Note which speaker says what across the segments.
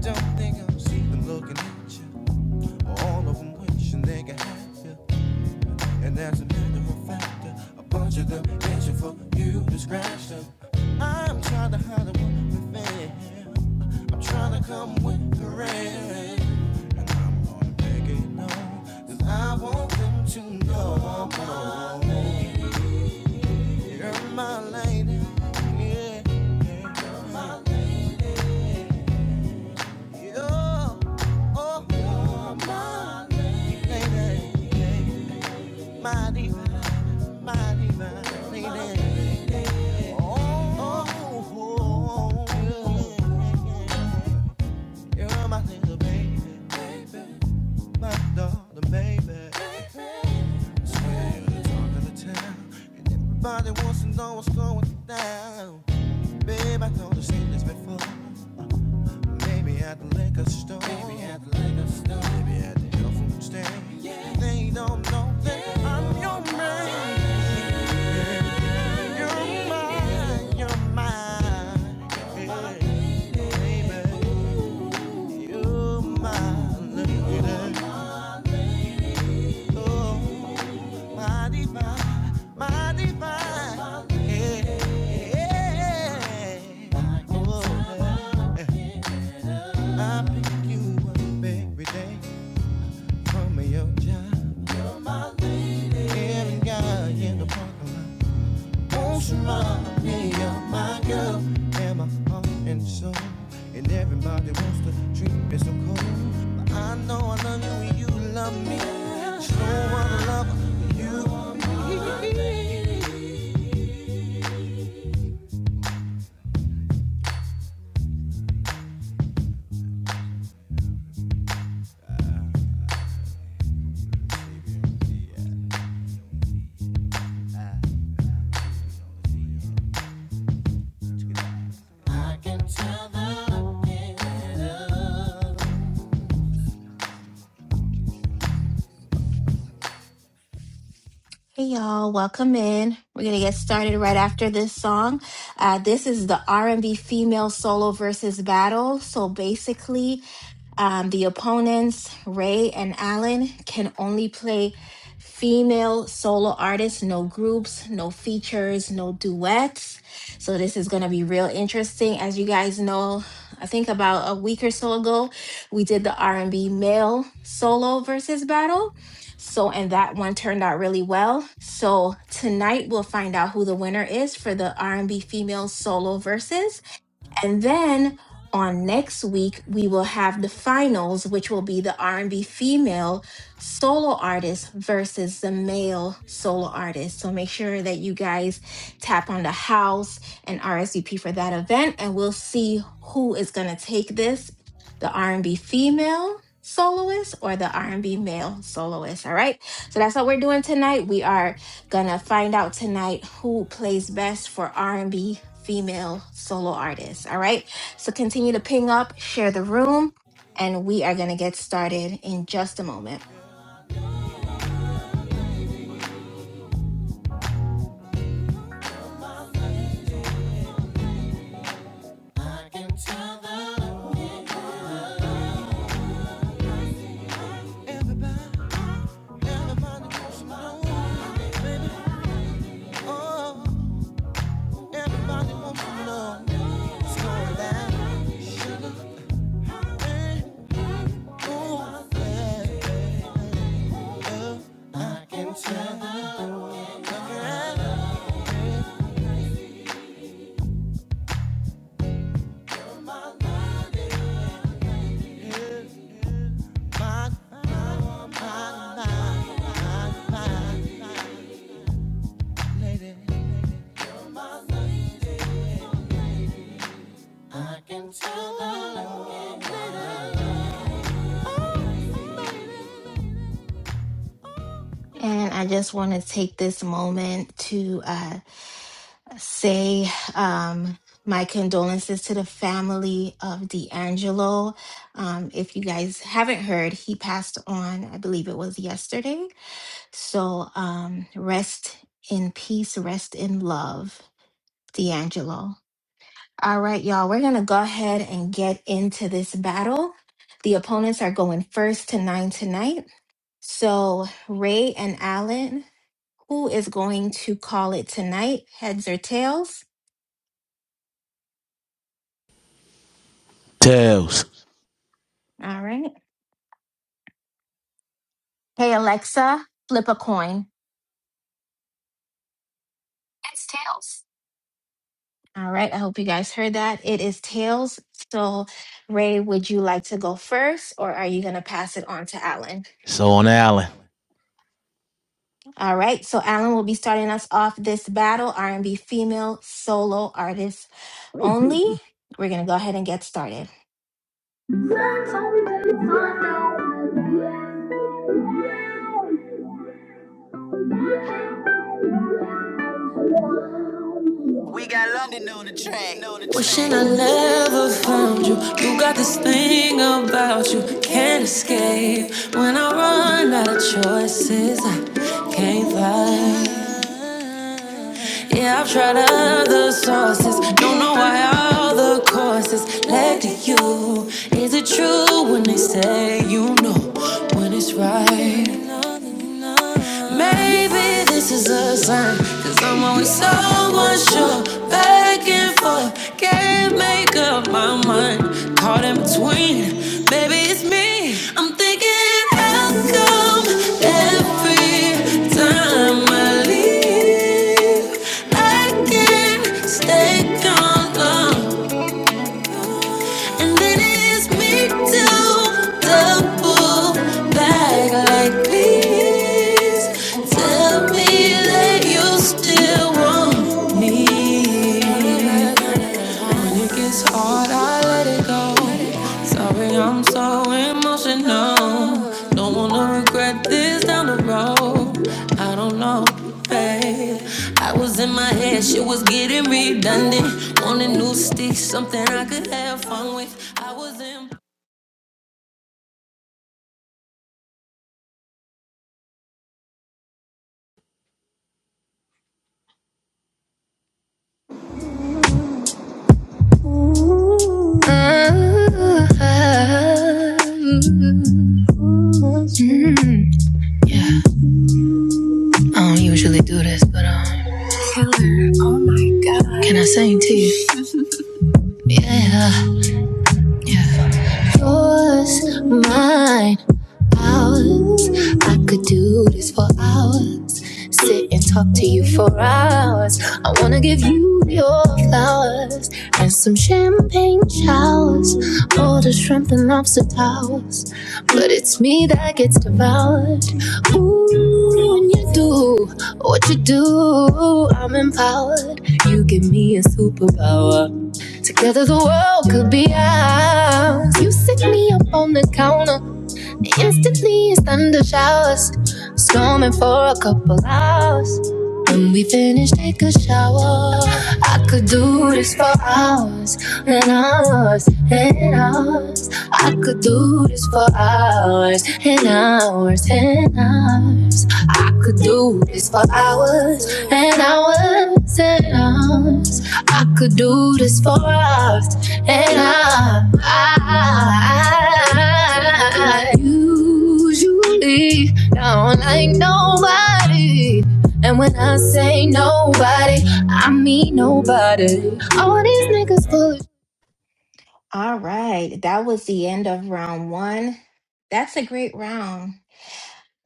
Speaker 1: Don't think I'm sleeping looking at you. All of them wishing they could have you. And as a matter of fact, a bunch of them itching for you to scratch them. I'm trying to hide the one within. I'm trying to come with the rain. And I'm gonna make it known. that I want them to know I'm my lady. You're my lady. Yeah. yeah, You're my lady. Yeah. Oh, my lady, my divine, my divine lady. Oh, oh, yeah. You're my little baby, my daughter, baby. Swear you're the talk of and everybody wants to know what's going down. Babe, I told you seen this before. Maybe at the liquor store. Maybe at the liquor store. Maybe at the health food stand. Yeah. They don't know that yeah. I'm your man. Yeah. You're mine. You're mine. Yeah. You're mine. Baby. You're my lady. Oh, my divine. My divine. Yeah. Yeah. Oh, yeah. I pick you up every day from your job. You're my lady. Every guy in the parking lot wants to run me up, my girl. And my heart and soul. And everybody wants to treat me so cold. But I know I love you and you love me. Slow on love you are me. I can tell the love.
Speaker 2: Hey y'all, welcome in. We're gonna get started right after this song. Uh, this is the R&B female solo versus battle. So basically, um, the opponents, Ray and Allen, can only play female solo artists, no groups, no features, no duets. So this is going to be real interesting. As you guys know, I think about a week or so ago, we did the R&B male solo versus battle. So and that one turned out really well. So tonight we'll find out who the winner is for the R&B female solo versus. And then on next week, we will have the finals, which will be the R&B female solo artist versus the male solo artist. So make sure that you guys tap on the house and RSVP for that event, and we'll see who is going to take this, the R&B female soloist or the R&B male soloist, all right? So that's what we're doing tonight. We are Gonna find out tonight who plays best for R&B female solo artists. All right. So continue to ping up, share the room, and we are gonna get started in just a moment.
Speaker 1: I can tell the Everybody, everybody wants to know. Oh, everybody wants to know. It's going down. Sugar and ooh, yeah. I can tell. My, I can tell.
Speaker 2: And I just want to take this moment to uh, say um, my condolences to the family of D'Angelo. Um, if you guys haven't heard, he passed on, I believe it was yesterday. So um, rest in peace, rest in love, D'Angelo. All right, y'all, we're going to go ahead and get into this battle. The opponents are going first to nine tonight. So, Ray and Alan, who is going to call it tonight? Heads or tails?
Speaker 3: Tails.
Speaker 2: All right. Hey, Alexa, flip a coin. It's tails. All right. I hope you guys heard that. It is tails. So, Ray, would you like to go first or are you going to pass it on to Alan?
Speaker 3: So on Allen.
Speaker 2: All right, so Alan will be starting us off this battle, R&B female solo artist only. We're going to go ahead and get started.
Speaker 4: Wow. Wishing I never found you. You got this thing about you, can't escape. When I run out of choices, I can't fight. Yeah, I've tried other sources. Don't know why all the courses led to you. Is it true when they say you know when it's right? Maybe this is a sign, i I'm always so unsure. Back and forth, can't make up my mind. Caught in between, maybe it's me. I'm thinking, how come every time I leave, I can't stay gone long? And then it's me to double back like please Tell me that you still want me when it gets hard, I let it go. Sorry, I'm so emotional. Don't wanna regret this down the road. I don't know, babe. I was in my head, shit was getting redundant. Wanted new sticks, something I could have fun with. I was in.
Speaker 3: I don't usually do this, but um, can I sing to you? Yeah. Yours, mine, ours. I could do this for hours. sit and talk to you for hours. I wanna give you your flowers and some champagne showers, all the shrimp and lobster towers. But it's me that gets devoured. Ooh, when you do what you do, I'm empowered. You give me a superpower. Together the world could be ours. You sit me up on the counter. Instantly, it's thunder showers, storming for a couple hours. When we finish, take a shower. I could do this for hours and hours and hours. I could do this for hours and hours and hours. I could do this for hours and hours and hours. I could do this for hours and I, I, I usually don't like nobody. And when I say nobody, I mean nobody. All these niggas full of shit.
Speaker 2: All right, that was the end of round one. That's a great round.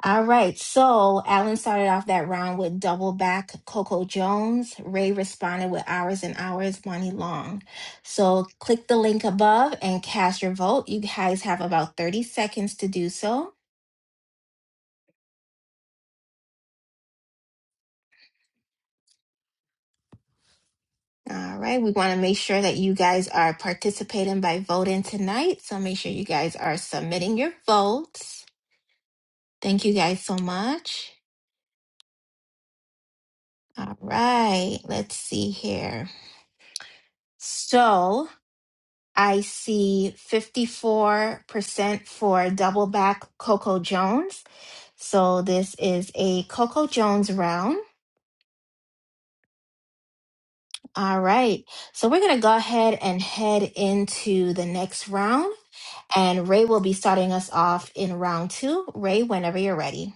Speaker 2: All right, so Alan started off that round with double back Coco Jones. Ray responded with hours and hours, money long. So click the link above and cast your vote. You guys have about 30 seconds to do so. All right, we want to make sure that you guys are participating by voting tonight. So make sure you guys are submitting your votes. Thank you guys so much. All right, let's see here. So I see 54% for double back Coco Jones. So this is a Coco Jones round. All right. So we're going to go ahead and head into the next round. And Ray will be starting us off in round two. Ray, whenever you're ready.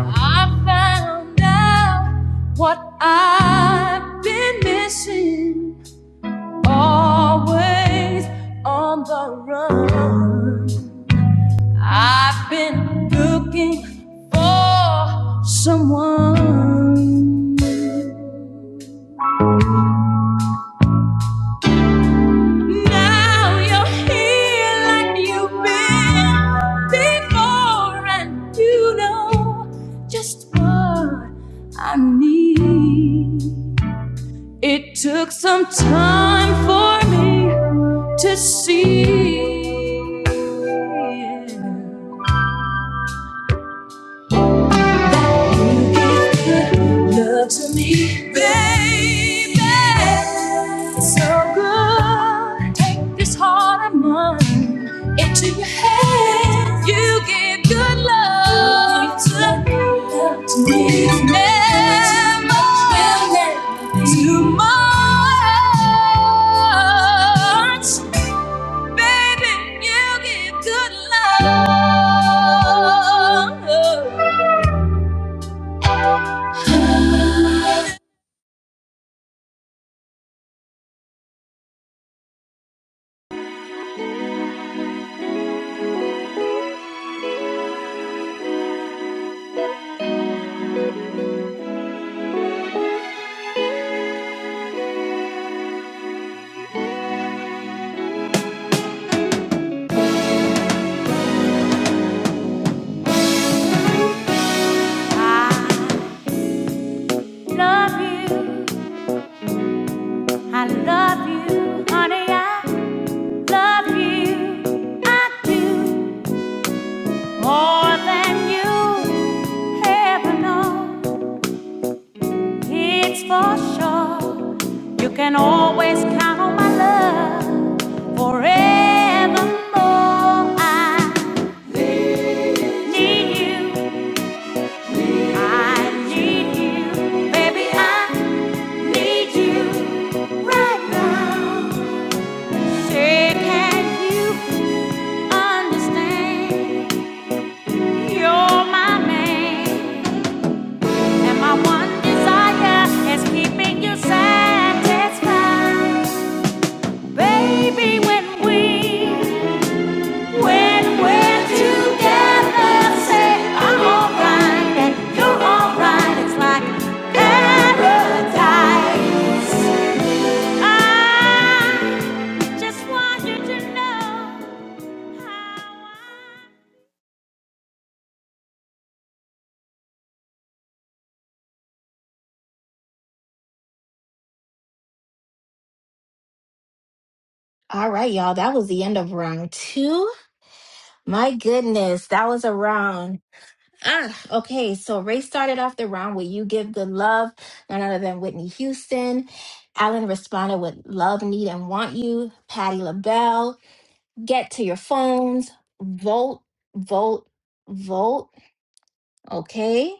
Speaker 3: I found out what I've been missing. always on the run. I've been looking for someone. Now you're here like you've been before, and you know just what I need. It took some time for me to see. You give good love to me, baby. It's so good. Take this heart of mine into your hands. You give good love to love to me. Never too much, baby. You give good love.
Speaker 4: I Love you, I love you, honey, I love you. I do more than you ever know. It's for sure. You can always count on my love forevermore. I need you. I need you. Baby, I need you right now. Say, can you understand? You're my man. And my one desire is keeping you satisfied. Baby, when we, when we're together, say I'm alright and you're alright. It's like paradise. I just want you to know how I
Speaker 2: All right, y'all. That was the end of round two. My goodness, that was a round. Ah, okay. So Ray started off the round with You Give Good Love, none other than Whitney Houston. Alan responded with Love, Need, and Want You. Patti LaBelle, Get to Your Phones, Vote, Vote, Vote. Okay.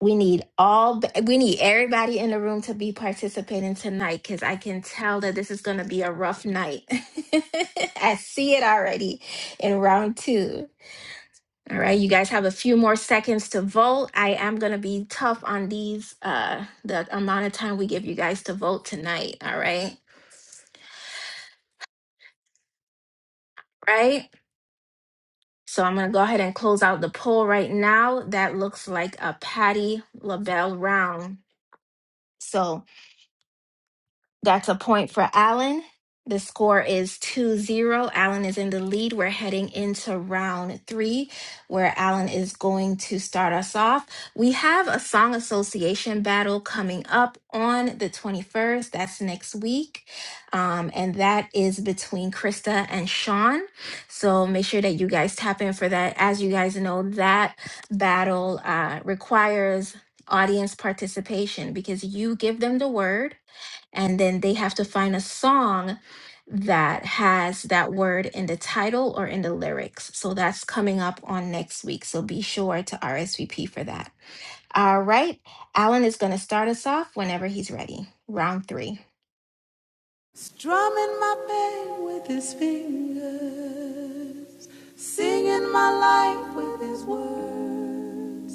Speaker 2: We need all, we need everybody in the room to be participating tonight because I can tell that this is going to be a rough night. I see it already in round two. All right, you guys have a few more seconds to vote. I am going to be tough on these, uh, the amount of time we give you guys to vote tonight. All right, right? So I'm going to go ahead and close out the poll right now. That looks like a Patty LaBelle round. So, That's a point for Allen. The score is two zero. Allen is in the lead. We're heading into round three, where Allen is going to start us off. We have a song association battle coming up on the 21st. That's next week. Um, and that is between Krista and Sean. So make sure that you guys tap in for that. As you guys know, that battle uh, requires audience participation because you give them the word and then they have to find a song that has that word in the title or in the lyrics. So that's coming up on next week. So be sure to RSVP for that. All right. Alan is going to start us off whenever he's ready. Round three.
Speaker 4: strumming my pain with his fingers, singing my life with his words.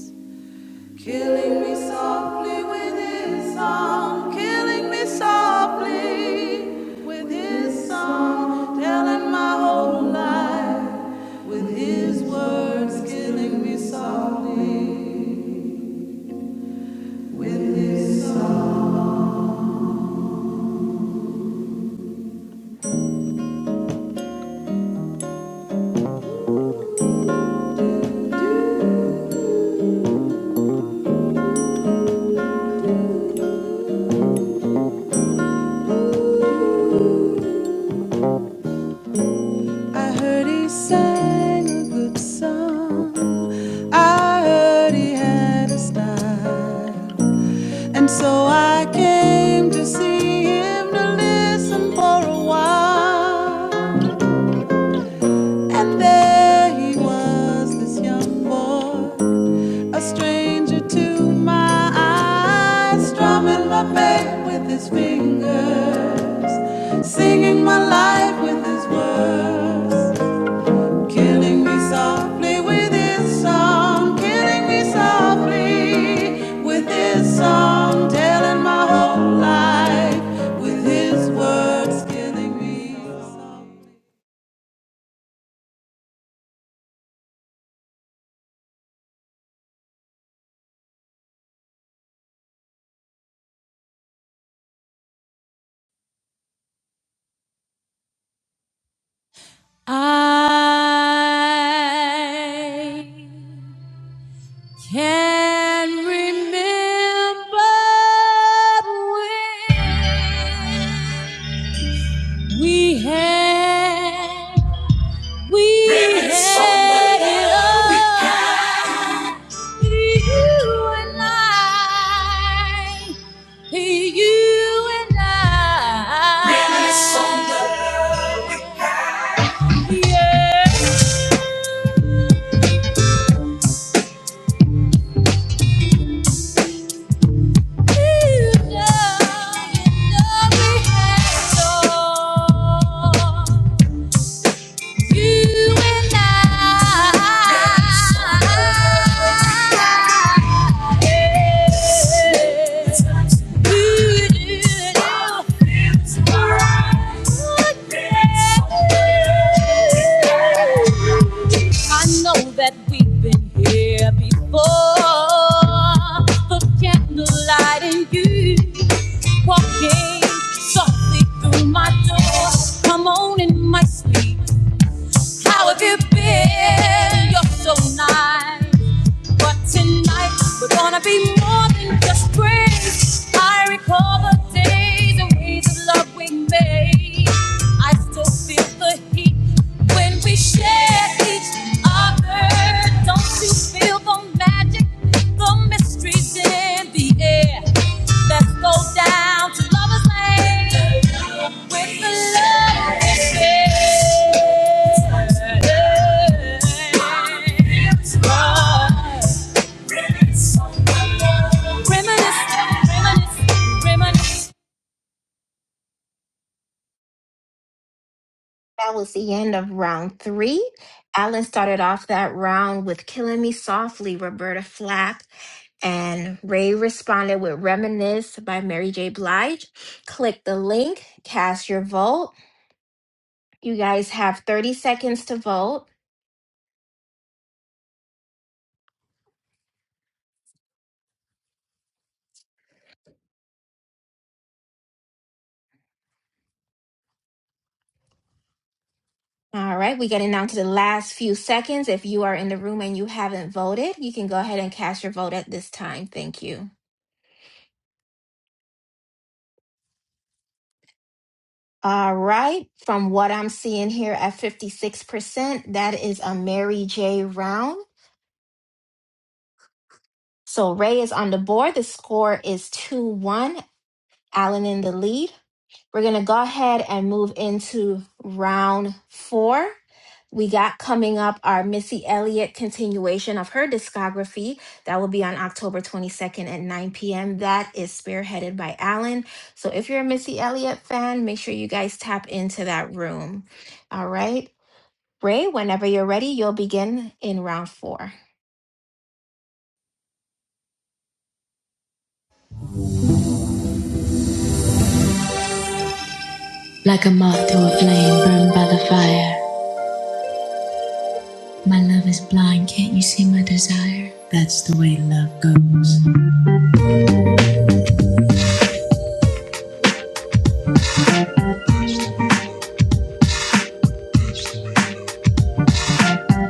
Speaker 4: Killing me softly with his song, killing me softly with his song, telling my whole life with his words, killing me softly. I heard he sang a good song, I heard he had a style, and so I came to see him to listen for a while. And there he was, this young boy, a stranger to my eyes, strumming my bass with his fingers, singing my life with his words, killing me softly with his song, killing me softly with his song, telling my whole life with his words, killing me softly.
Speaker 3: I can remember when we had, we had it all. You and I, you and I. Yeah. I know that we've been here before, but candlelight and you. Walking softly through my door. Come on in my sleep. How have you been? You're so nice. But tonight we're gonna be more than just friends. I recall the days and ways of love we made. I still feel the heat when we share each other. Don't you feel the magic? The mysteries in the air. Let's go down to Lover's Lane with the love we share.
Speaker 2: That was the end of round three. Alan started off that round with Killing Me Softly, Roberta Flack. And Ray responded with Reminisce by Mary J. Blige. Click the link, cast your vote. You guys have 30 seconds to vote. All right, we're getting down to the last few seconds. If you are in the room and you haven't voted, you can go ahead and cast your vote at this time. Thank you. All right, from what I'm seeing here at 56%, that is a Mary J round. So Ray is on the board. The score is 2 1, Allen in the lead. We're going to go ahead and move into round four. We got coming up our Missy Elliott continuation of her discography. That will be on October 22nd at 9 p.m. That is spearheaded by Alan. So if you're a Missy Elliott fan, make sure you guys tap into that room. All right. Ray, whenever you're ready, you'll begin in round four.
Speaker 3: Like on the fire. love goes.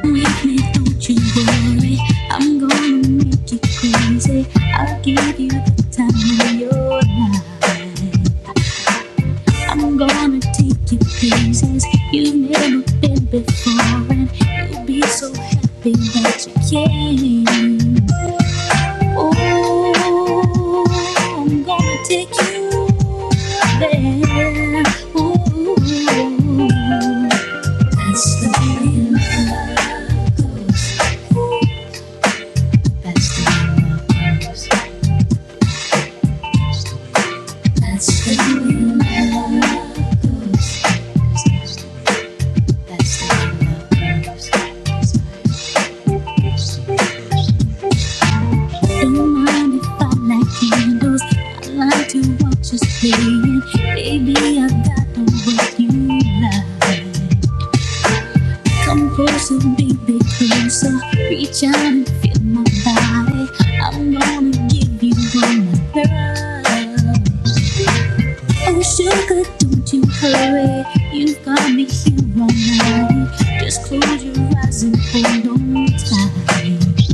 Speaker 3: With me, don't you worry. I'm gonna make you crazy. I'll give you the time of your life. I'm gonna take you places you've never been before, and you'll be so happy that you came. Ooh, I'm gonna take you there. Ooh, that's the feeling. That's the feeling. That's the feeling. That's the feeling. Don't mind if I light candles. I like to watch us playing. Baby, I got the way you love. Come closer, baby, closer. Reach out and feel my body. I'm gonna give you all my love. Oh, sugar, don't you hurry. You've got me here all night. Just close your eyes and hold on tight.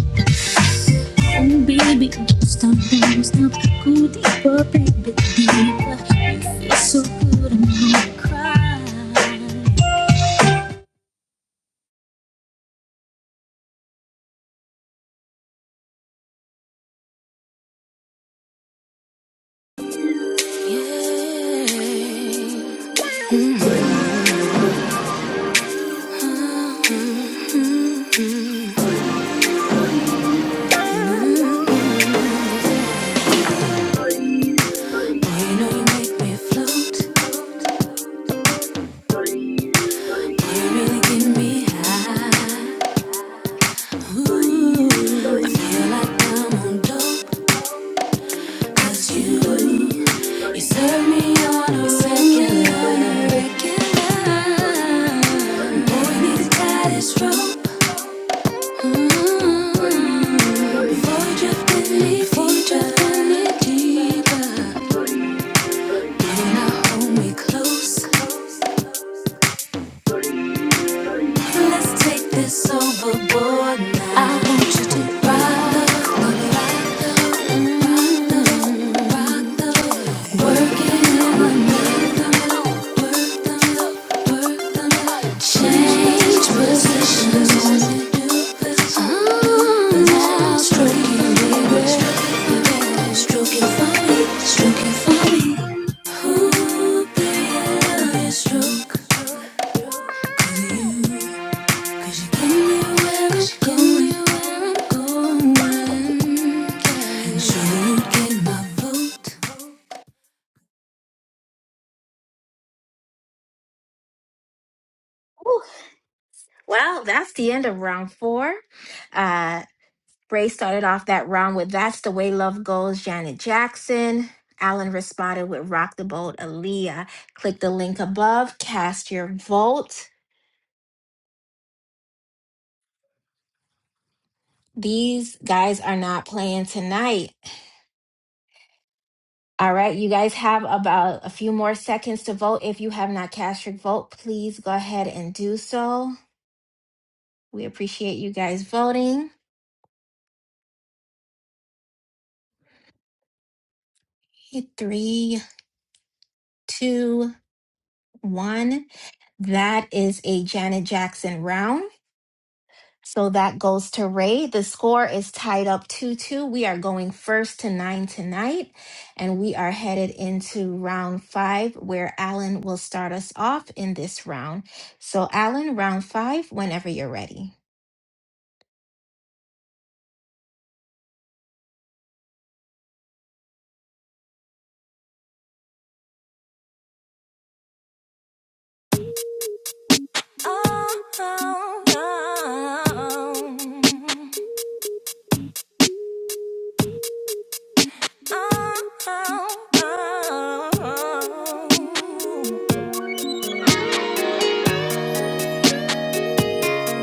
Speaker 3: Oh, baby, don't stop, don't stop. Go deeper, baby, deeper. You feel so good, I'm gonna cry.
Speaker 4: Yeah. Mm, Boy, you know you make me float. Boy, you really get me high. feel like I'm on dope. 'Cause you, you serve me on a regular, regular. Boy, need the tightest rope. Mm, Before you drift in before you drift in me deeper. You now hold me close. Let's take this overboard now. I want you to rock the, rock the, rock the, rock the. Work it in the middle, work the middle, work the middle. Change positions. Mm, now stroke it, baby. Stroke it for me, stroke it for me. Ooh, baby, I love your stroke. you. She told me where i going, where I'm going. Surely you get my vote.
Speaker 2: Whew. Well, that's the end of round four. Uh, Bray started off that round with That's the Way Love Goes, Janet Jackson. Alan responded with Rock the Boat, Aaliyah. Click the link above, cast your vote. These guys are not playing tonight. All right, you guys have about a few more seconds to vote. If you have not cast your vote, please go ahead and do so. We appreciate you guys voting. Three, two, one. That is a Janet Jackson round. So that goes to Ray. The score is tied up 2 2. We are going first to nine tonight, and we are headed into round five, where Alan will start us off in this round. So, Alan, round five, whenever you're ready.
Speaker 4: Oh, oh, oh, oh, oh,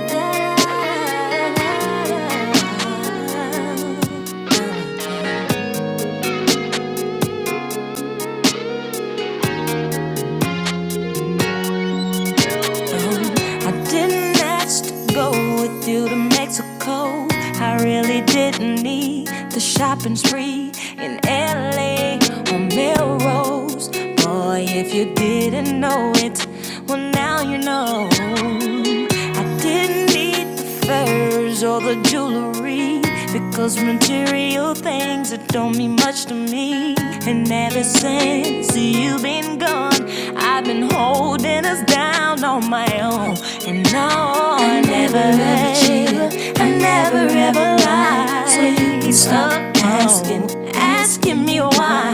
Speaker 4: oh. phone. I didn't ask to go with you to Mexico. I really didn't need the shopping spree in LA or Melrose. Boy, if you didn't know it, well, now you know. I didn't need the furs or the jewelry because material trivial things that don't mean much to me. And ever since you've been gone, I've been holding us down on my own. And no, I, never, ever, I never ever lied. So you can stop asking, asking me why,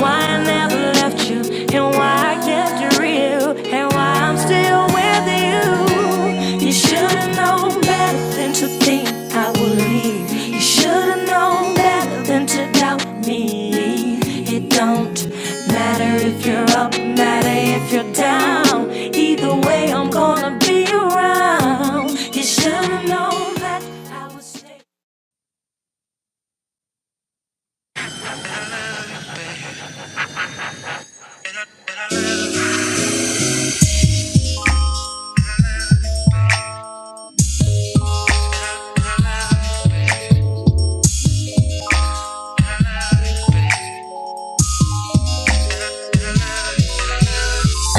Speaker 4: why I never left you, and why I kept you real and why I'm still with you. You should've known better than to think I would leave. You should've known better than to doubt me. It don't matter if you're up, matter if you're down. Either way, I'm gonna be around. You should've known that I would stay.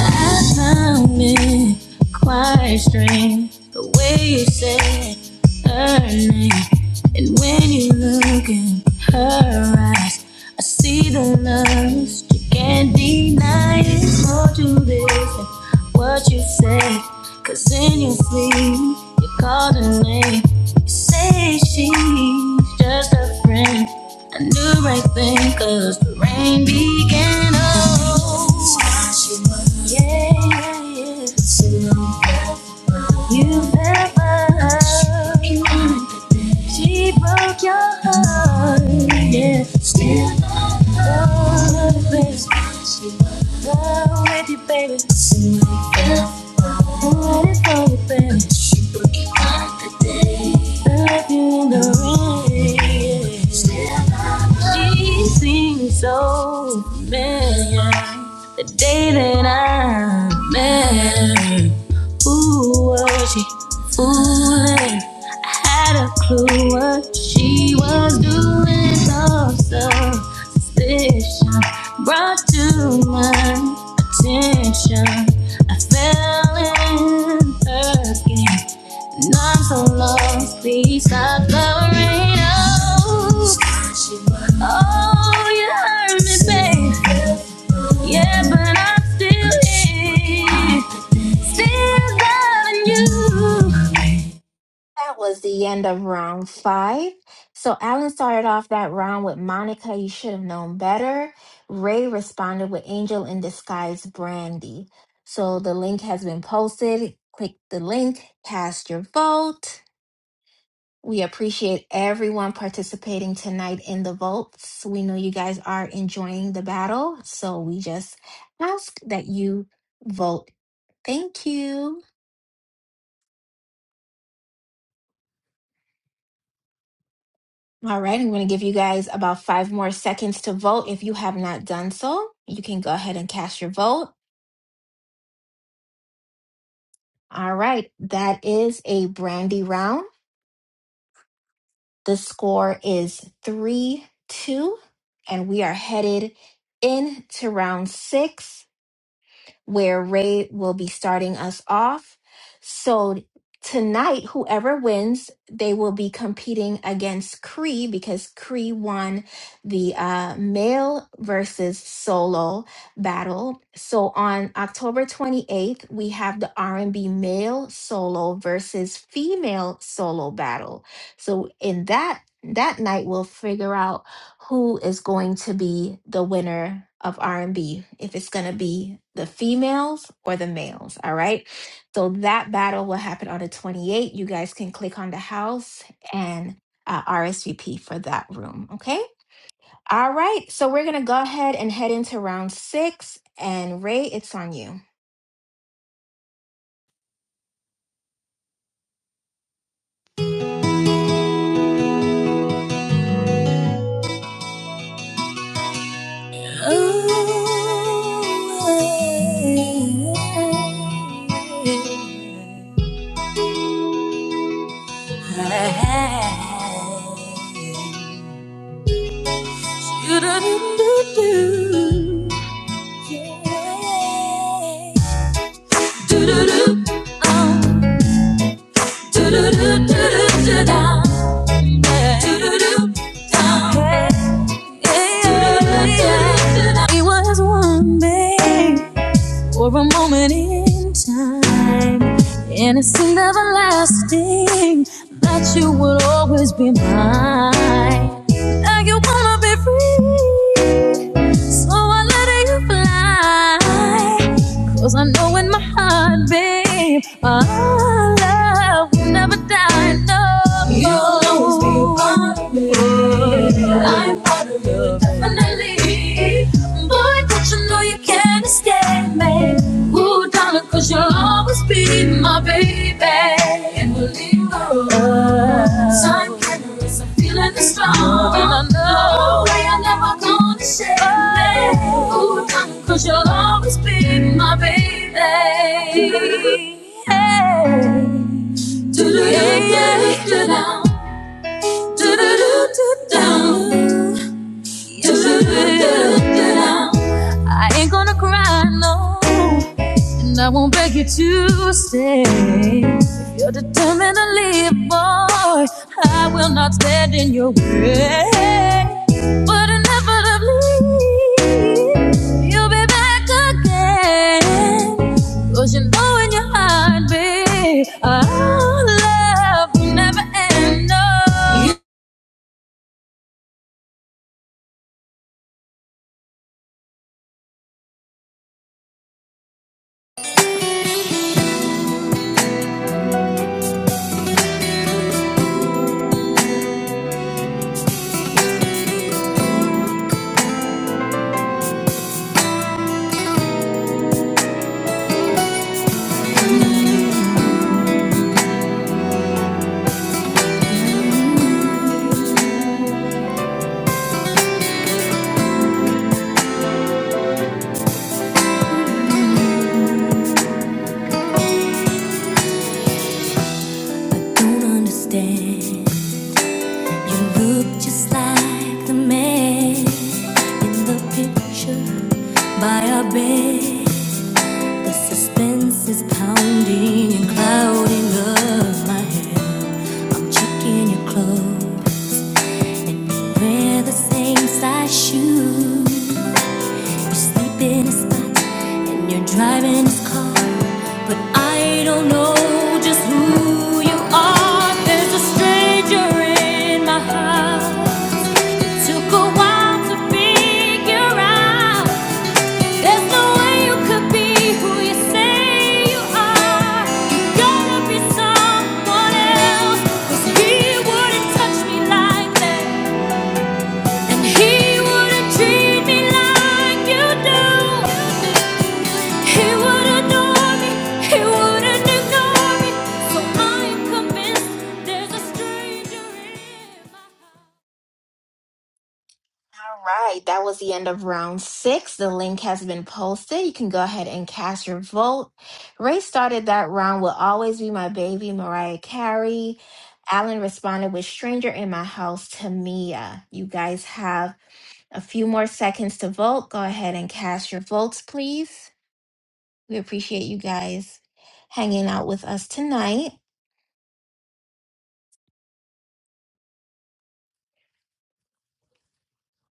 Speaker 3: I found it quite strange the way you said her name, and when you look in her eyes, I see the lust you can't deny. It's more to this than what you say, 'cause in your sleep you called her name. You say she's just a friend. I knew right then, 'cause the rain began. Oh yeah, yeah, yeah. So You've ever She broke your heart. Still, she knew what she was doing. So suspicious brought to my attention. I fell in her skin, and I'm so lost. Please stop covering up. Oh, you hurt me, babe. Yeah, but I'm still here, still loving you.
Speaker 2: That was the end of round five. So, Alan started off that round with Monica, you should have known better. Ray responded with Angel in Disguise Brandy. So, the link has been posted. Click the link, cast your vote. We appreciate everyone participating tonight in the votes. We know you guys are enjoying the battle, so we just ask that you vote. Thank you. All right, I'm going to give you guys about five more seconds to vote. If you have not done so, you can go ahead and cast your vote. All right, that is a brandy round. The score is 3 2, and we are headed into round six. where Ray will be starting us off. So tonight, whoever wins, they will be competing against Cree because Cree won the uh, male versus solo battle. So on October 28th, we have the R&B male solo versus female solo battle. So in that that night, we'll figure out who is going to be the winner of R&B if it's going to be the females or the males all right so that battle will happen on the 28th you guys can click on the house and uh, RSVP for that room okay all right so we're going to go ahead and head into round 6 and Ray it's on you
Speaker 3: Ooh, do-do-do-do-do. Yeah. Do-do-do, do-do-do, yeah. Someday, Or a moment in time, anything Just be mine. Fly, babe. Oh, I will never die. No. You'll always be mine. I'm definitely. Boy, don't you know you can't escape me? Ooh, darling, you you'll always be my baby. And we'll leave the road. Time can erase. I'm feeling this strong. And I know. No way I'm never gonna shake me. Ooh, darling, you you'll always be. Do Do-do-do-do-do-do. You'll be back again. you know in your heart, babe, our love will never end. No.
Speaker 4: Don't understand. You look just like the man in the picture by our bed. The suspense is pounding and clouding up my head. I'm checking your clothes, wear the same size shoes. You sleep in a spot and you're driving his car, but I don't know. just who you are. There's a stranger in my house. Took a while to figure out. There's no way you could be who you say you are. You gotta be someone else. 'Cause he wouldn't touch me like that. And he wouldn't treat me like you do. He wouldn't commit that.
Speaker 2: All right, that was the end of round six. The link has been posted. You can go ahead and cast your vote. Ray started that round with Always Be My Baby, Mariah Carey. Alan responded with Stranger in My House, Tamia. You guys have a few more seconds to vote. Go ahead and cast your votes, please. We appreciate you guys hanging out with us tonight.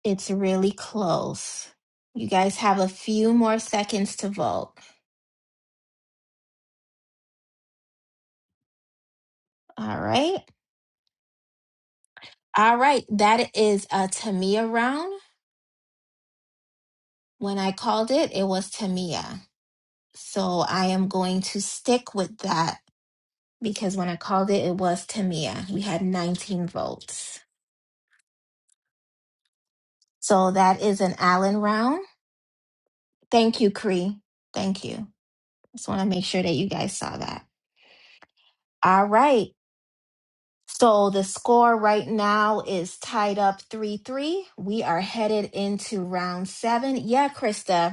Speaker 2: It's really close. You guys have a few more seconds to vote. All right. All right, that is a Tamia round. When I called it, it was Tamia. So I am going to stick with that because when I called it, it was Tamia. We had 19 votes. So that is an Allen round. Thank you, Cree. Thank you. Just want to make sure that you guys saw that. All right. So the score right now is tied up 3 3. We are headed into round seven. Yeah, Krista,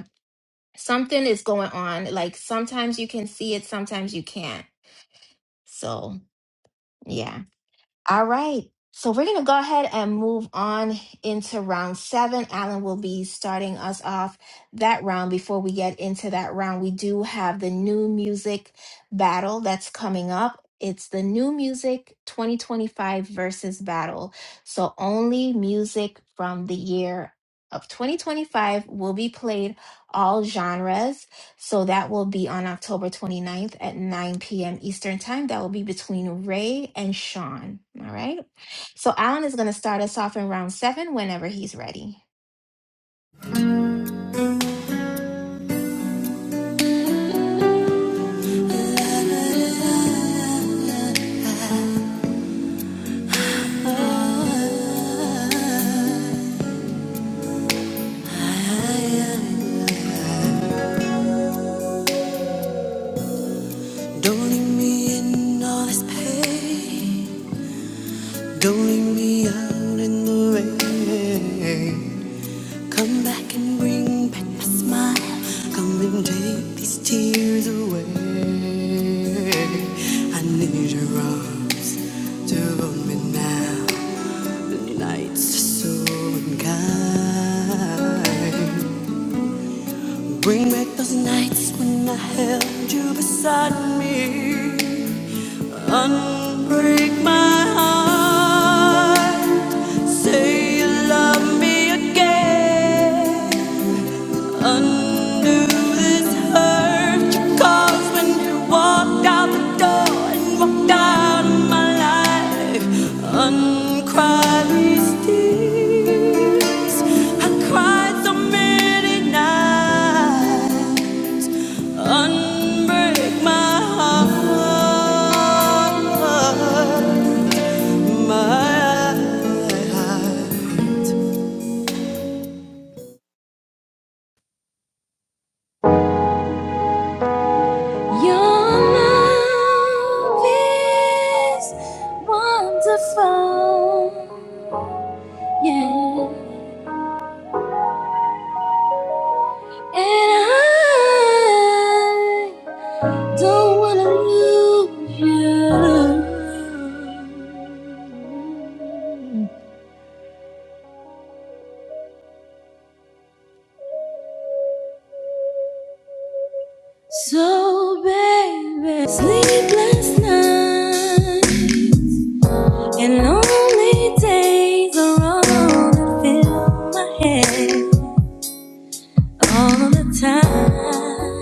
Speaker 2: something is going on. Like sometimes you can see it, sometimes you can't. So, yeah. All right. So, we're going to go ahead and move on into round seven. Alan will be starting us off that round. Before we get into that round, we do have the new music battle that's coming up. It's the new music 2025 versus battle. So, only music from the year of 2025 will be played all genres so that will be on October twenty ninth at 9 p.m. Eastern Time. That will be between Ray and Sean. All right. So Alan is going to start us off in round seven whenever he's ready.
Speaker 4: Don't leave me in all this pain. Don't leave me out in the rain. Come back and bring back my smile. Come and take these tears away. I need your arms to hold me now. The nights are so unkind. Bring back those nights when I held you beside me. Unbreak my heart. Say you love me again. Undo this hurt you caused when you walked out the door and walked out of my life. Uncry these tears. I cried so many nights. Unbreak my heart, my heart.
Speaker 3: So it's nice. Lonely days are all that fill my head all the time.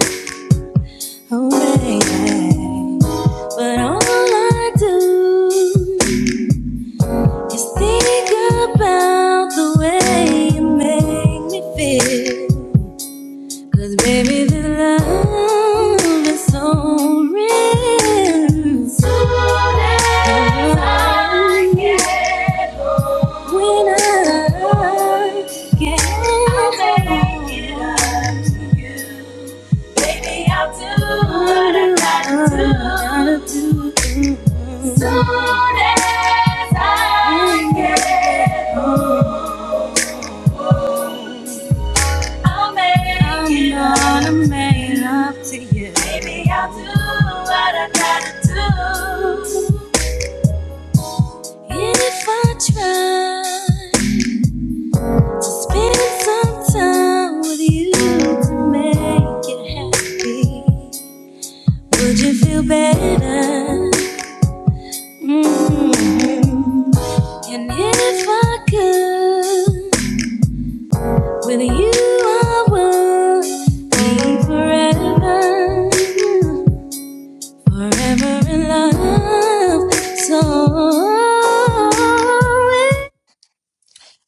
Speaker 3: But all I do. Just think about the way you make me feel. Cause baby, this love is so real. Soon as I get home, when I get I'll make it up. But I gotta do, it. I gotta do. it. I'm gonna make it up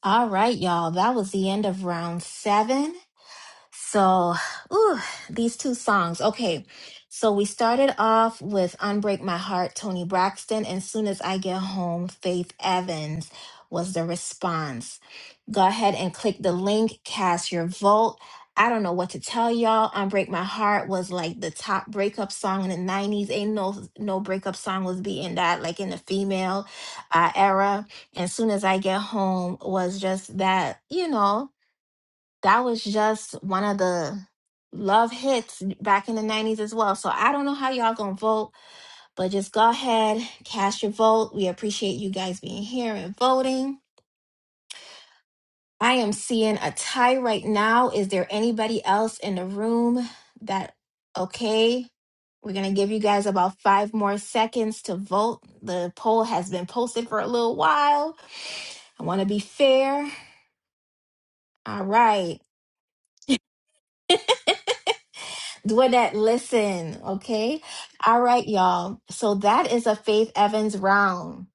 Speaker 2: All right, y'all. That was the end of round seven. So, ooh, these two songs. Okay. So we started off with Unbreak My Heart, Tony Braxton, and Soon as I Get Home, Faith Evans was the response. Go ahead and click the link, cast your vote. I don't know what to tell y'all. Unbreak My Heart was like the top breakup song in the 90s. Ain't no no breakup song was beating that, like in the female uh, era. And Soon as I Get Home was just that, you know, that was just one of the love hits back in the 90s as well. So I don't know how y'all gonna vote, but just go ahead, cast your vote. We appreciate you guys being here and voting. I am seeing a tie right now. Is there anybody else in the room that okay? We're gonna give you guys about five more seconds to vote. The poll has been posted for a little while. I wanna be fair. All right. Dwinette, listen, okay? All right, y'all. So that is a Faith Evans round.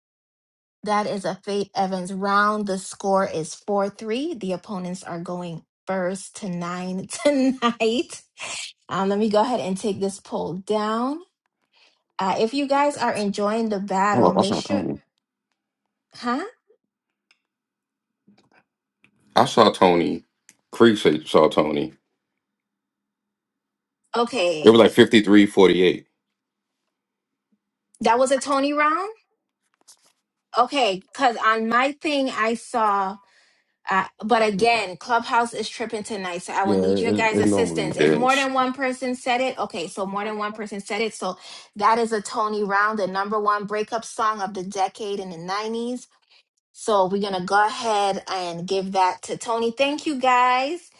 Speaker 2: That is a Faith Evans round. The score is 4 3. The opponents are going first to nine tonight. Um, let me go ahead and take this poll down. Uh, if you guys are enjoying the
Speaker 5: Hold
Speaker 2: battle,
Speaker 5: up, I
Speaker 2: make
Speaker 5: saw
Speaker 2: sure,
Speaker 5: Tony.
Speaker 2: huh?
Speaker 5: I saw Tony. Creek said- you saw Tony. It
Speaker 2: Okay,
Speaker 5: was like 53 48.
Speaker 2: that was a Tony round? Okay, because on my thing, I saw. Uh, but again, Clubhouse is tripping tonight, so I will need your
Speaker 5: Yeah, it,
Speaker 2: guys'
Speaker 5: it normally
Speaker 2: assistance. If more
Speaker 5: is. Yes.
Speaker 2: than one person said it, okay, so more than one person said it. So that is a Tony Round, the number one breakup song of the decade in the 90s. So we're going to go ahead and give that to Tony. Thank you guys,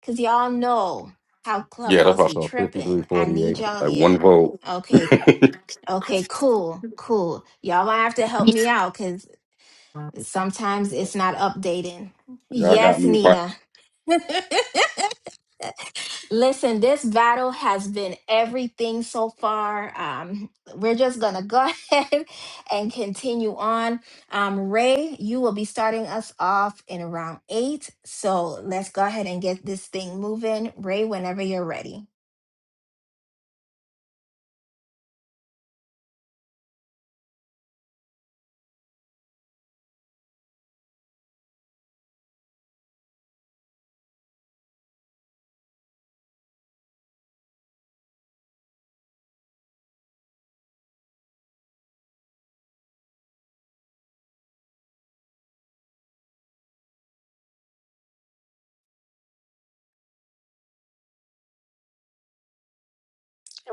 Speaker 2: because y'all know how
Speaker 5: Yeah, that's
Speaker 2: Clubhouse
Speaker 5: what I
Speaker 2: be
Speaker 5: saw
Speaker 2: tripping. I
Speaker 5: 5348.
Speaker 2: need y'all.
Speaker 5: Like
Speaker 2: Yeah.
Speaker 5: one vote.
Speaker 2: Okay. Okay, cool, cool. Y'all might have to help me out cause. Sometimes it's not updating.
Speaker 5: Y'all got
Speaker 2: Yes,
Speaker 5: me right.
Speaker 2: Nina. Listen, this battle has been everything so far. Um, we're just gonna go ahead and continue on. Um, Ray, you will be starting us off in round eight. So let's go ahead and get this thing moving. Ray, whenever you're ready.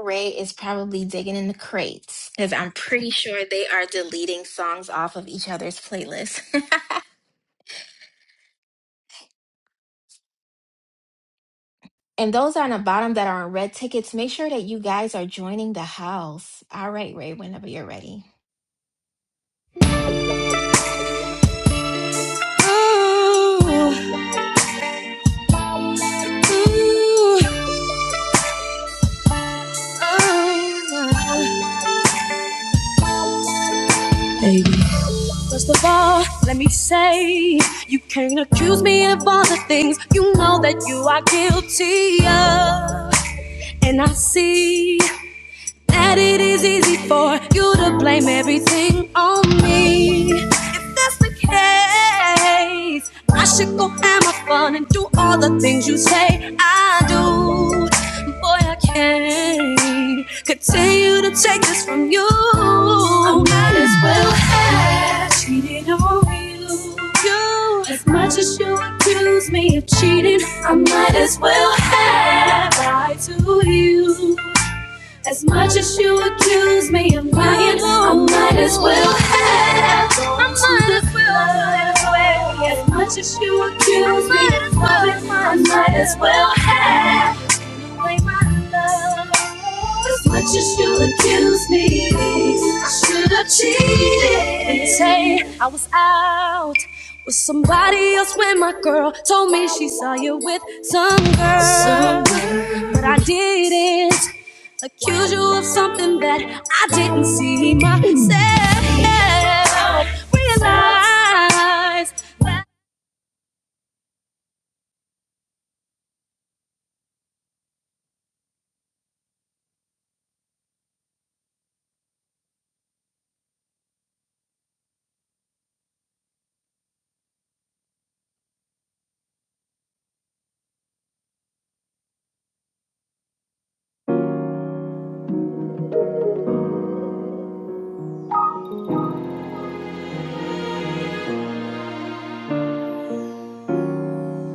Speaker 2: Ray is probably digging in the crates because I'm pretty sure they are deleting songs off of each other's playlists. And those on the bottom that are on red tickets, make sure that you guys are joining the house. All right, Ray, whenever you're ready.
Speaker 3: to Oh, say know that you are guilty of and if you that's the case hey, I do could I might as well have Ryan, I might as well have I might, as well have. I might as well have Like my love. As much as you accuse me, I should have cheated. Say I was out with somebody else when my girl told me she saw you with some girl. Some girl. But I didn't accuse you of something that I didn't see myself. Realize that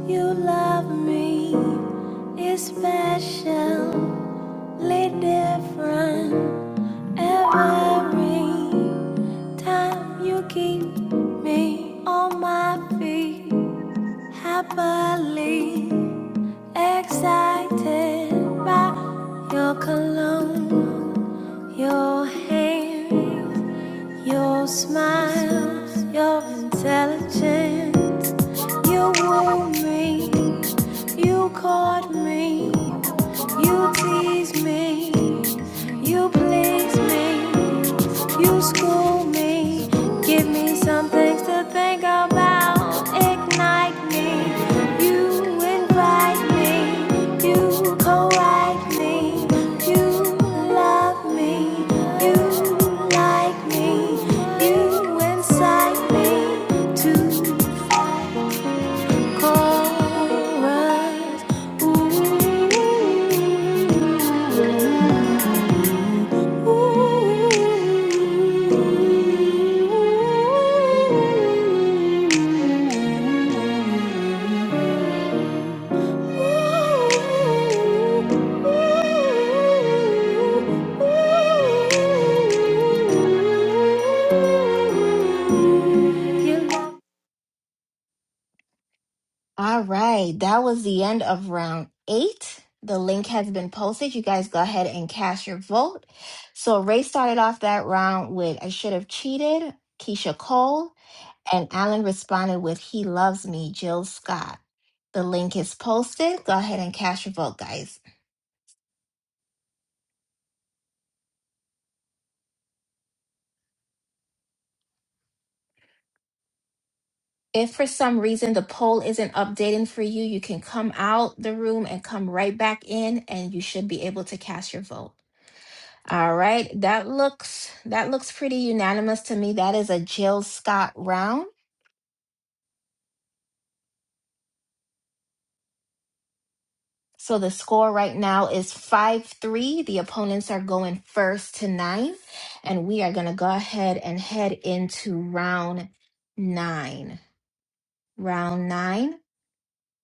Speaker 4: You love me is special. different every time you keep me on my feet happily excited by your cologne your hand your smile your intelligence you wooed me you caught me You tease me, you please me, you school me, give me some things to think about, ignite me, you invite me, you correct me, you love me, you like me, you incite me to fight.
Speaker 2: All right, that was the end of round eight. The link has been posted. You guys go ahead and cast your vote. So Ray started off that round with I should have cheated, Keisha Cole, and Alan responded with He loves me, Jill Scott. The link is posted. Go ahead and cast your vote, guys. If for some reason the poll isn't updating for you, you can come out the room and come right back in and you should be able to cast your vote. All right, that looks that looks pretty unanimous to me. That is a Jill Scott round. So the score right now is 5-3. The opponents are going first to 9 and we are going to go ahead and head into round 9. Round 9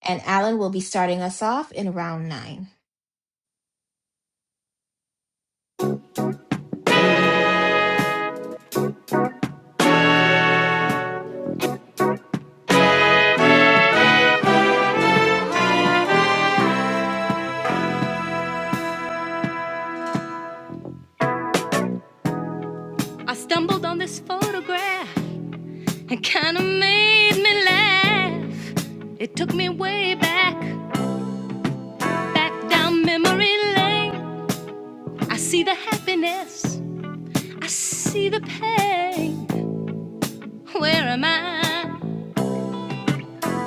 Speaker 2: and Alan will be starting us off in round 9.
Speaker 4: I stumbled on this photograph and kinda made me laugh. It took me way back, back down memory lane. I see the happiness, I see the pain. Where am I?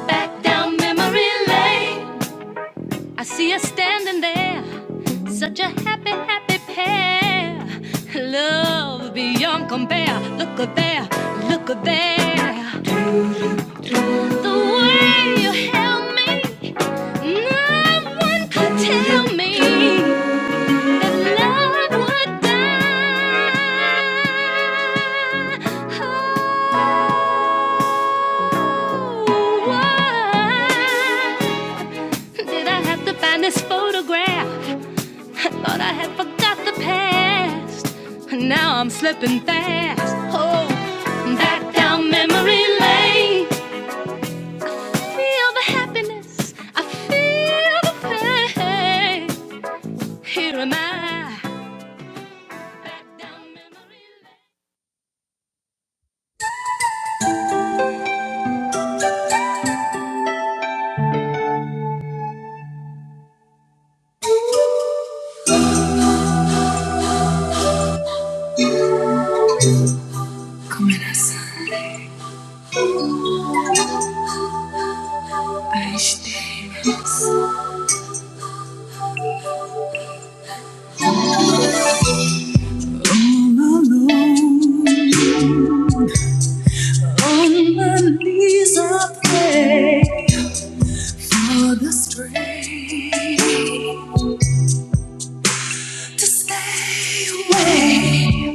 Speaker 4: back down memory lane. I see us standing there, such a happy, happy pair. Love beyond compare. Look at there, look at there. The way you held me, no one could tell me. Did I have to find this photograph? I thought I had forgot the past. and Now I'm slipping fast. Oh, back down memory lane. Feel the happiness. I feel the pain. Here am I.
Speaker 3: I'm alone on my knees, I pray. For the strength to stay away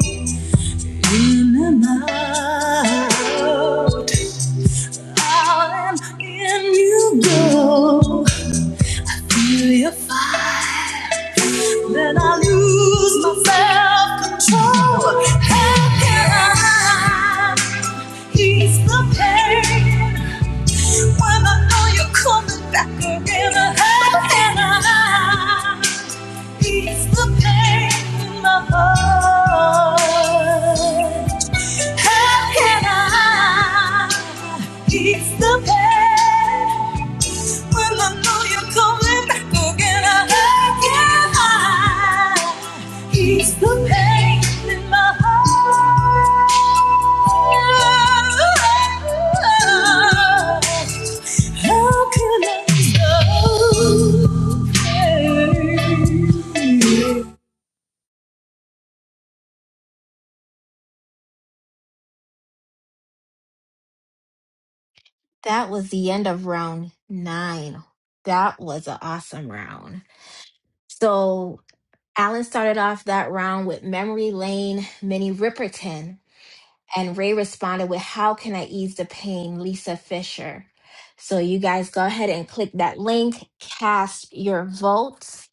Speaker 3: in and out, out and in you go. Will you find then I lose my self-control? How can I ease the pain when I know you're coming back again? How can I ease the pain in my heart?
Speaker 2: That was the end of round nine. That was an awesome round. So Alan started off that round with Memory Lane, Minnie Riperton, and Ray responded with How Can I Ease the Pain, Lisa Fisher. So you guys go ahead and click that link, cast your votes.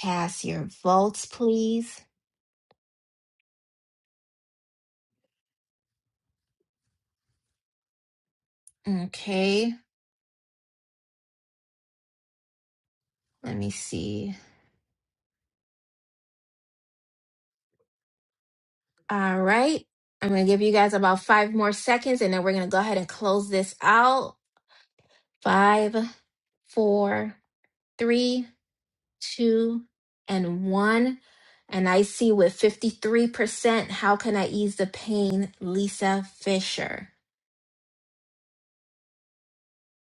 Speaker 2: Cast your votes, please. Okay, let me see. All right. I'm going to give you guys about five more seconds and then we're going to go ahead and close this out. Five, four, three, two, and one. And I see with 53%, how can I ease the pain? Lisa Fisher.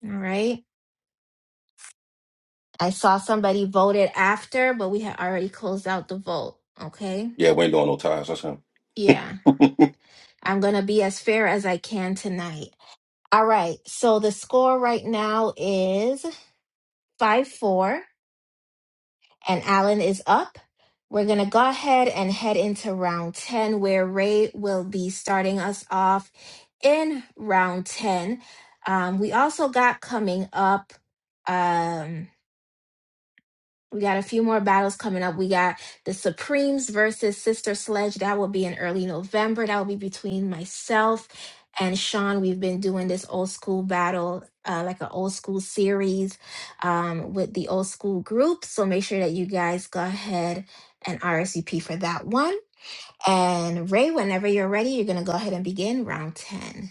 Speaker 2: All right. I saw somebody voted after, but we had already closed out the vote. Okay.
Speaker 5: Yeah, we ain't doing no ties. That's him.
Speaker 2: Yeah. I'm going to be as fair as I can tonight. All right. So the score right now is 5 4. and Alan is up. We're going to go ahead and head into round 10, where Ray will be starting us off in round 10. Um, we also got coming up. um, we got a few more battles coming up. We got the Supremes versus Sister Sledge. That will be in early November. That will be between myself and Sean. We've been doing this old school battle, uh, like an old school series um, with the old school group. So make sure that you guys go ahead and RSVP for that one. And Ray, whenever you're ready, you're going to go ahead and begin round 10.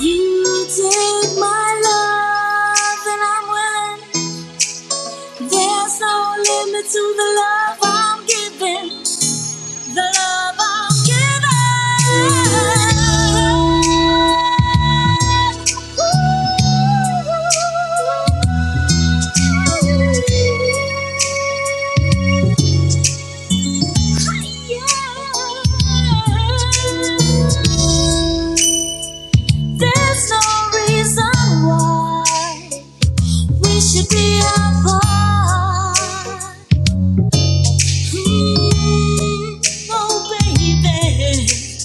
Speaker 3: You take my love and I'm willing. There's no limit to the love I'm giving. The love I'm giving. Ooh. Yeah. There's no reason why. We should be apart. Mm, oh, baby.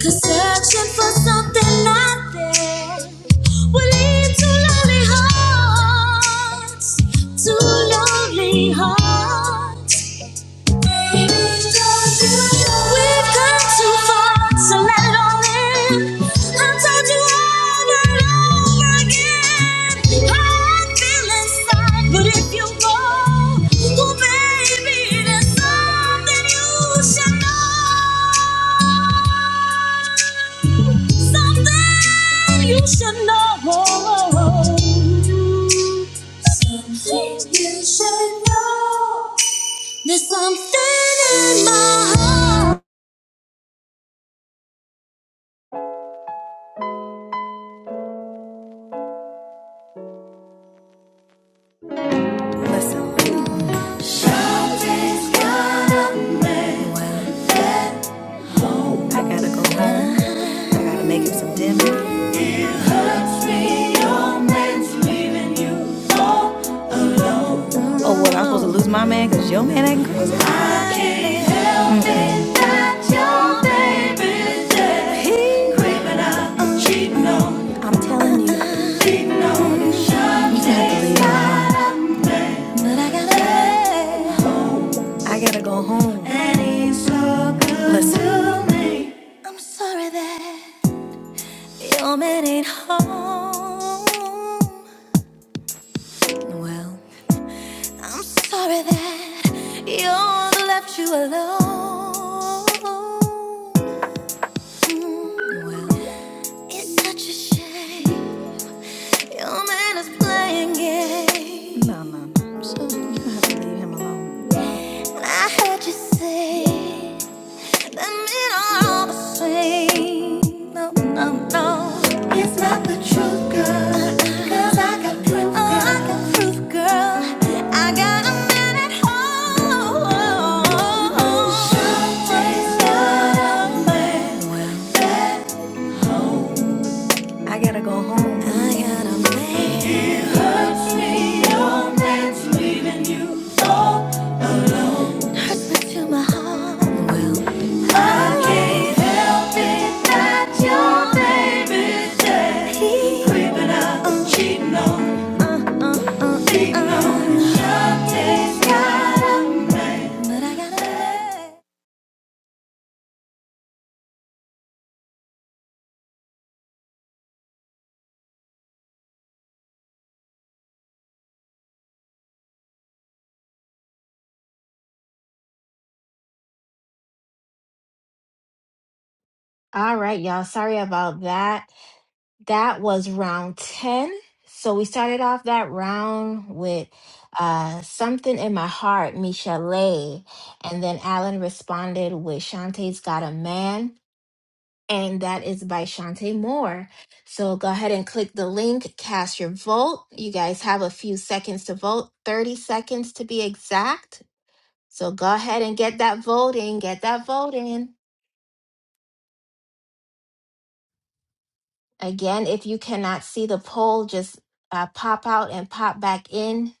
Speaker 3: Cause searching for something not there will lead to lonely hearts. To lonely hearts. We've come too far, so let it all in. I told you over and over again how I feel inside, but if you go, oh baby, there's something you should know, something you should know, something you should know. There's something in my heart.
Speaker 4: Listen, I gotta go home. I gotta make him some dinner. Oh, well, I'm supposed to lose my man because your man ain't crazy? I can't help it that your baby's dead. He creeping up, I'm cheating on. I'm telling you. No, you shouldn't. You got to leave. But I gotta. I gotta go home. That ain't so good Listen. to me. I'm sorry that your man ain't home. Well, I'm sorry that you left you alone. Mm, Well, it's such a shame your man is playing games. No, no, no. So you have to leave him alone. I heard you say. No, no, no. I got to go home. I got a man. Hurts me, your man's leaving you. Oh. hurts me to my heart. I can't help it that your baby's dead. Creeping cheating on, beating on. Something's gotta, but
Speaker 2: All right, y'all. Sorry about that. That was round 10. So we started off that round with uh, Something in My Heart, Michelle. And then Alan responded with Shantae's Got a Man. And that is by Shantae Moore. So go ahead and click the link, cast your vote. You guys have a few seconds to vote, 30 seconds to be exact. So go ahead and get that vote in, get that vote in. Again, if you cannot see the poll, just uh, pop out and pop back in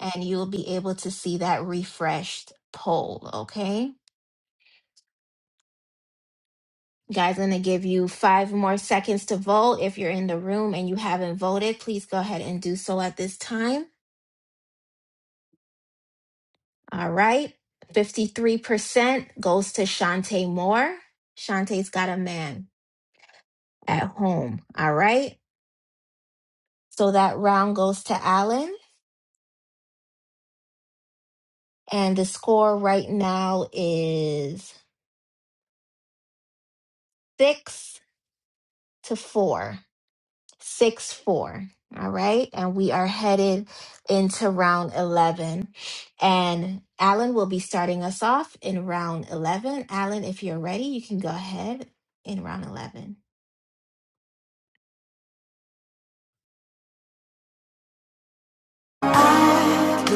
Speaker 2: and you'll be able to see that refreshed poll, okay? Guys, I'm gonna give you five more seconds to vote. If you're in the room and you haven't voted, please go ahead and do so at this time. All right. 53% goes to Shantae Moore. Shantae's got a man at home. All right. So that round goes to Alan. And the score right now is six to four. six four all right and we are headed into round 11 and alan will be starting us off in round 11 alan if you're ready you can go ahead in round 11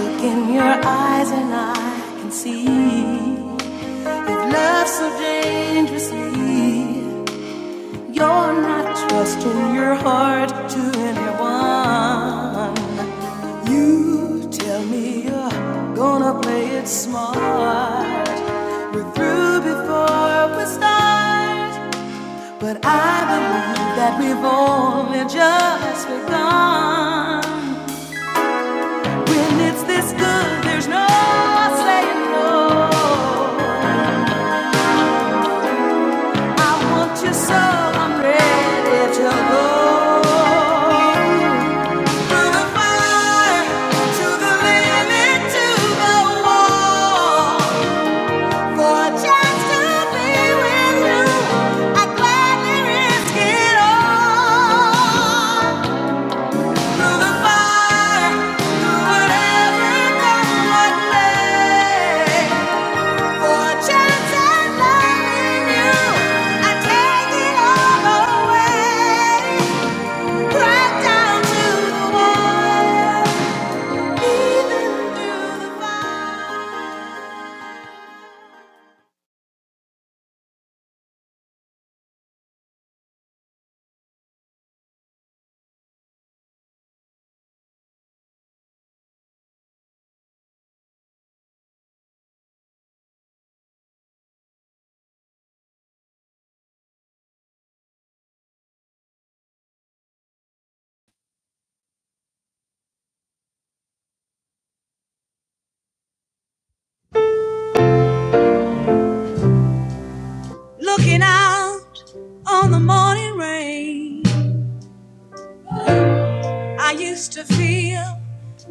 Speaker 4: Look in your eyes and I can see you so dangerously. You're not trusting your heart to anyone. You tell me you're gonna play it smart. We're through before we start. But I believe that we've only just begun. When it's this good, there's no saying no. I want you so I'm ready to go. Through the fire, to the limit, to the wall. For a chance to be with you, I gladly risk it all. Through the fire, through whatever comes my way. For a chance at loving you, I take it all away. Right down to the wire,
Speaker 3: Looking out on the morning rain, I used to feel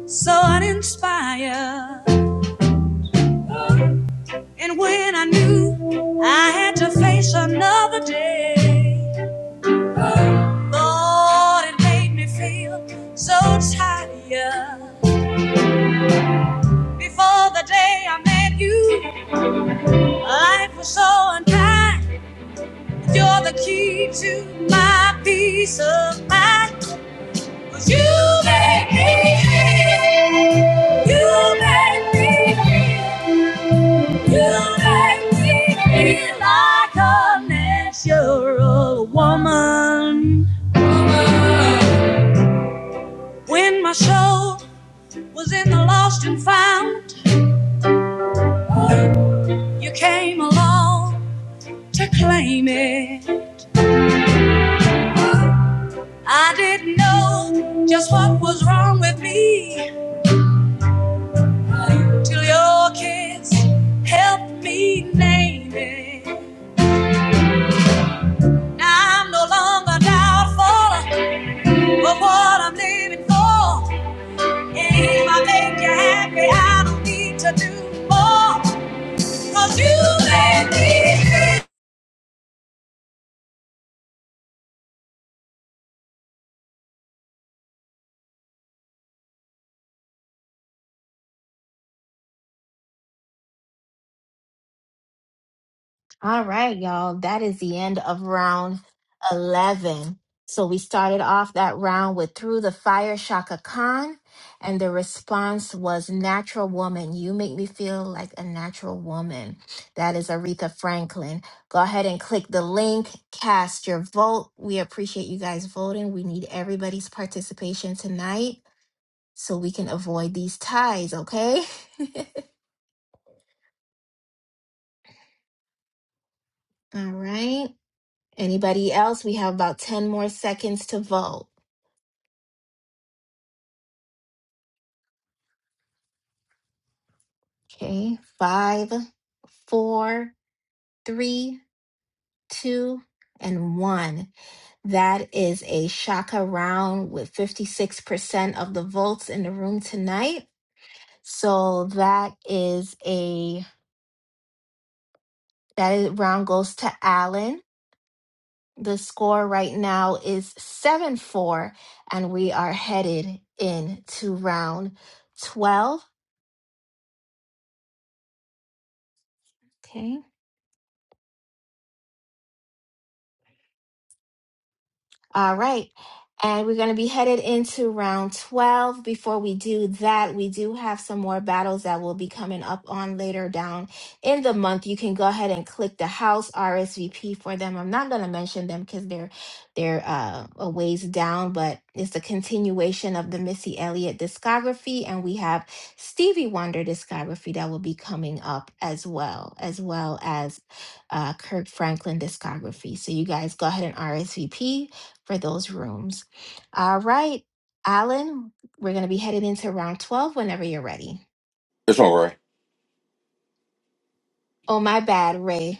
Speaker 3: so uninspired. And when I knew I had to face another day, Lord, it made me feel so tired. Before the day I met you, life was so unkind. You're the key to my peace of mind. You make me You make me You make me feel like a natural woman. When my soul was in the lost and found, you came along to claim it. I didn't know just what was wrong with me. till your kiss helped me name it. I'm no longer doubtful of what I'm living for. if I make you happy, I don't need to do more. Cause you made me feel.
Speaker 2: All right, y'all. That is the end of round 11. So we started off that round with Through the Fire Shaka Khan, and the response was Natural Woman. You make me feel like a natural woman. That is Aretha Franklin. Go ahead and click the link, cast your vote. We appreciate you guys voting. We need everybody's participation tonight so we can avoid these ties, okay? All right. Anybody else? We have about 10 more seconds to vote. Okay, five, four, three, two, and one. That is a shaka round with 56% of the votes in the room tonight. So that is a that is, round goes to Allen. The score right now is 7 4, and we are headed into round 12. Okay. All right. And we're going to be headed into round 12. Before we do that, we do have some more battles that will be coming up on later down in the month. You can go ahead and click the house RSVP for them. I'm not going to mention them because they're they're uh, a ways down, but it's a continuation of the Missy Elliott discography, and we have Stevie Wonder discography that will be coming up as well, as well as uh, Kirk Franklin discography. So you guys go ahead and RSVP for those rooms. All right, Alan, we're going to be headed into round 12 whenever you're ready.
Speaker 5: it's all right.
Speaker 2: Oh, my bad, Ray.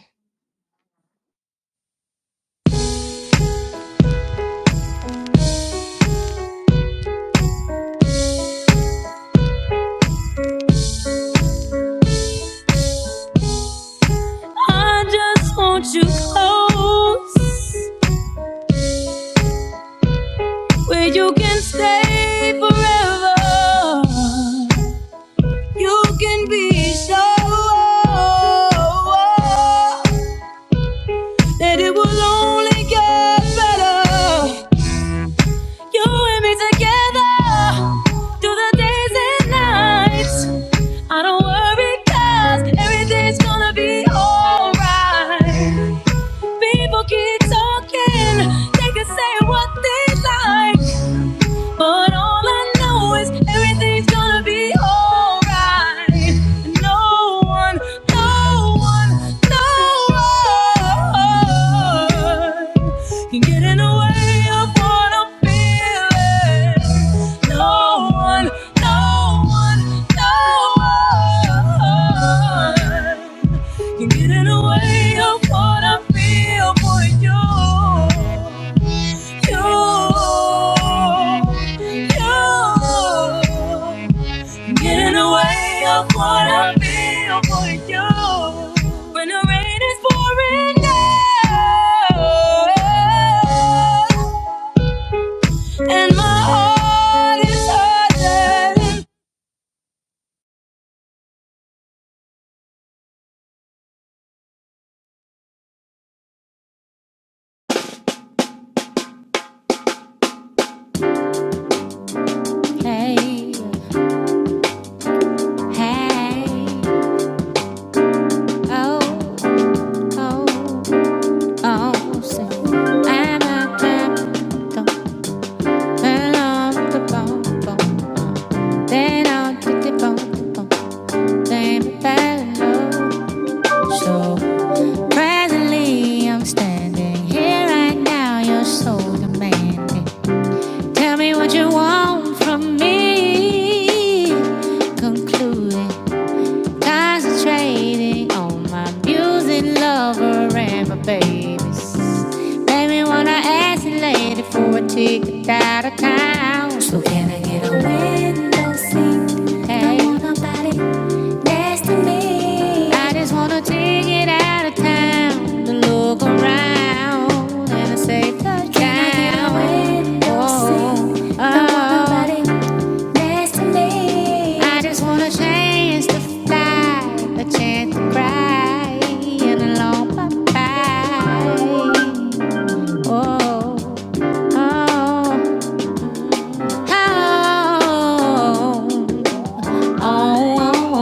Speaker 3: You and me together through the days and nights. I don't worry cause everything's gonna be alright. People keep talking, they can say what they like. But all I know is everything's gonna be alright. No one, no one, no one can get in the way of what I'm feeling. No one, no one, no one can get in the way of what I feel for you you, you. Get in of what I feel for you. When the rain is on
Speaker 4: Hey, hey, oh. Oh, oh, say, I'm a clap, don't turn off the bomb, bomb. Then I'll take the bomb, bomb. Then So presently I'm standing here right now, you're so demanding. Tell me what you want from me, concluding. Concentrating on my music lover and my babies. Baby, wanna ask you later for a ticket out of town. So can I get a window seat? Hey. I want nobody next to me. I just wanna take it out of town to look around and I say touchdown. Can I get a window oh, seat? Oh, I want oh. nobody destiny. I just wanna change to fly, a chance to cry, and a long bye bye. Oh, oh, oh, oh,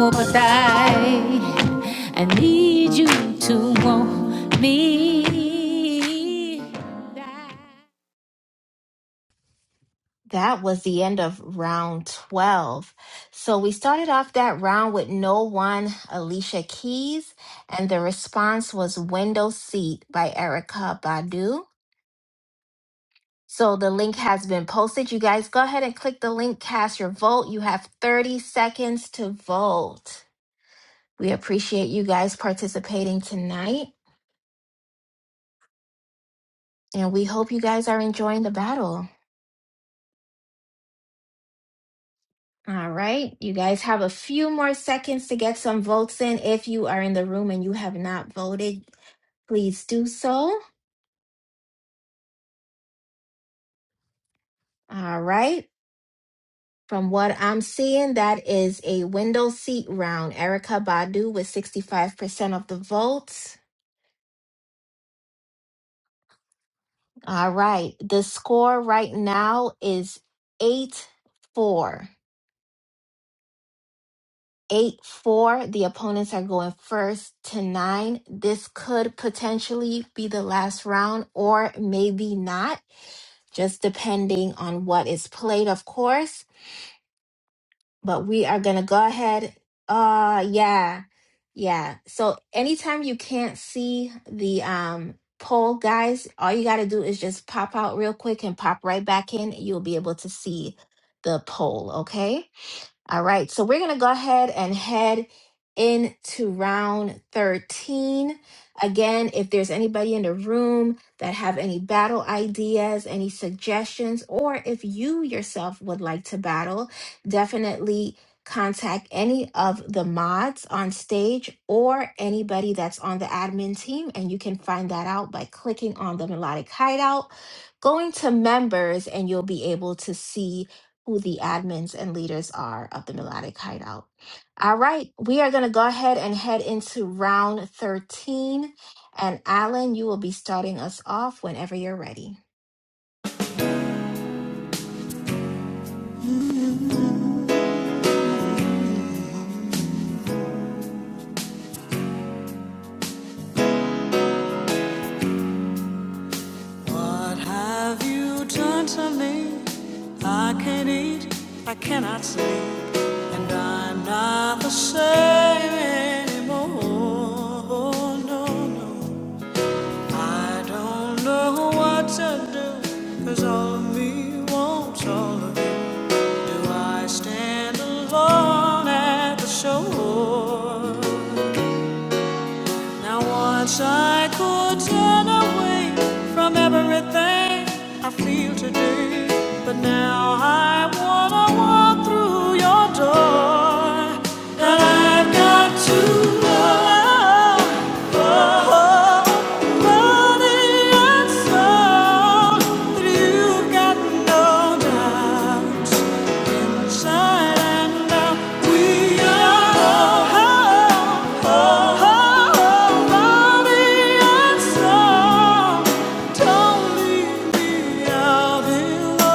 Speaker 4: oh, but I, I need you to want me.
Speaker 2: That was the end of round 12. So we started off that round with No One, Alicia Keys, and the response was Window Seat by Erica Badu. So the link has been posted. You guys go ahead and click the link, cast your vote. You have 30 seconds to vote. We appreciate you guys participating tonight. And we hope you guys are enjoying the battle. All right. You guys have a few more seconds to get some votes in. If you are in the room and you have not voted, please do so. All right. From what I'm seeing, that is a window seat round. Erica Badu with 65% of the votes. All right. The score right now is 8 4. eight four the opponents are going first to nine this could potentially be the last round or maybe not just depending on what is played of course but we are gonna go ahead uh yeah yeah so anytime you can't see the um poll guys all you gotta do is just pop out real quick and pop right back in you'll be able to see the poll okay all right, so we're going to go ahead and head into round 13. Again, if there's anybody in the room that have any battle ideas, any suggestions, or if you yourself would like to battle, definitely contact any of the mods on stage or anybody that's on the admin team and you can find that out by clicking on the melodic hideout going to members and you'll be able to see who the admins and leaders are of the Melodic Hideout. All right, we are going to go ahead and head into round 13. And Alan, you will be starting us off whenever you're ready.
Speaker 4: What have you done to me? I can't eat, I cannot sleep, and I'm not the same anymore. No, no, I don't know what to do, 'cause all of me wants all of you. Do I stand alone at the shore? Now once I could turn away from everything I feel today, but now I wanna walk through your door. And I've got to love, oh. oh, oh. Body and soul, you've got no doubt. Inside and out, we are whole. Body and soul. Don't leave me out in the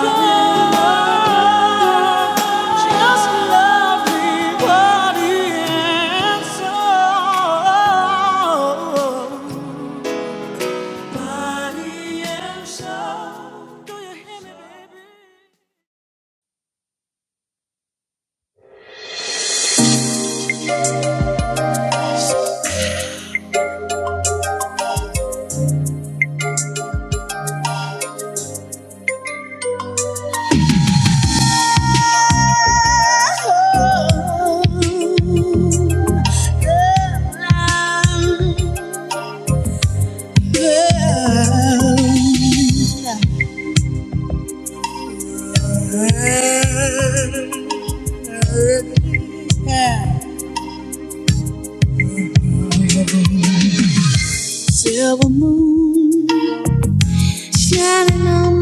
Speaker 4: cold. Just love me, body and soul. Body and soul. Do you hear me,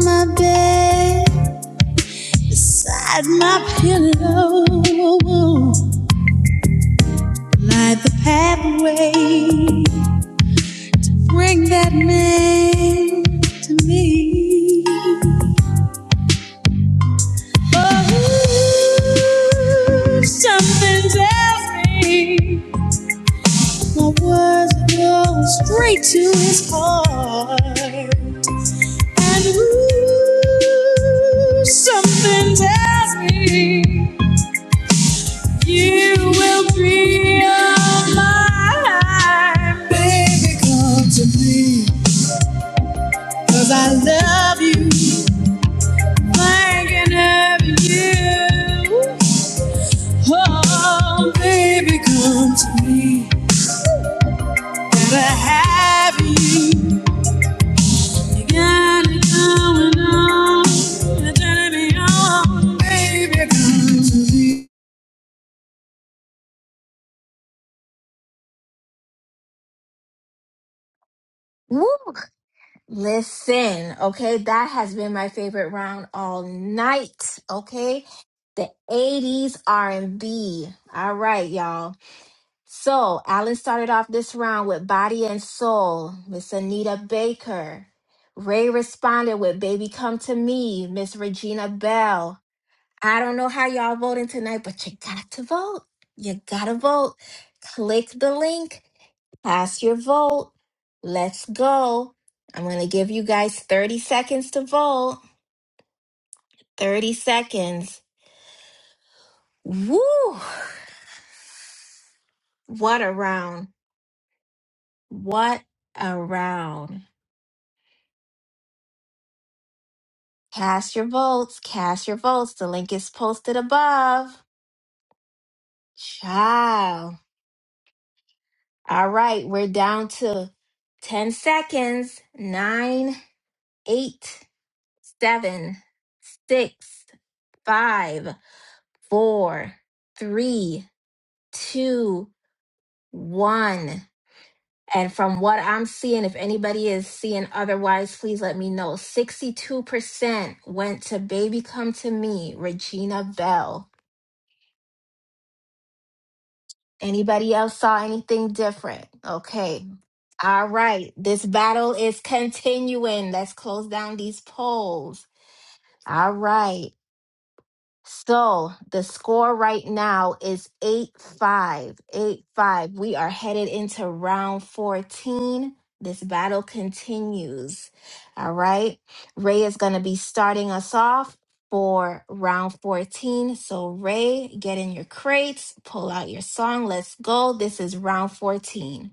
Speaker 3: my bed, beside my pillow, light the pathway. Bring that man to me. Oh, something tells me. My words go straight to his heart. And ooh, something tells me you will be of mine. Baby, come to me, 'cause I love you. Thinking of you. Oh, baby, come to me, gotta have you. Got it going on. You're turning me on. Baby, come to me.
Speaker 2: Woo! Listen, okay, that has been my favorite round all night, okay? The 80s R&B. All right, y'all. So Alan started off this round with Body and Soul, Miss Anita Baker. Ray responded with Baby Come to Me, Miss Regina Bell. I don't know how y'all voting tonight, but you got to vote. You gotta vote. Click the link, pass your vote. Let's go. I'm gonna give you guys 30 seconds to vote. 30 seconds. Woo! What a round. What a round. Cast your votes. Cast your votes. The link is posted above. Ciao. All right, we're down to 10 seconds. Nine, eight, seven, six, five, four, three, two, one. And from what I'm seeing, if anybody is seeing otherwise, please let me know. 62% went to Baby Come to Me, Regina Bell. Anybody else saw anything different? Okay. All right. This battle is continuing. Let's close down these polls. All right. So the score right now is 8 5. 8 5. We are headed into round 14. This battle continues. All right. Ray is going to be starting us off for round 14. So, Ray, get in your crates, pull out your song. Let's go. This is round 14.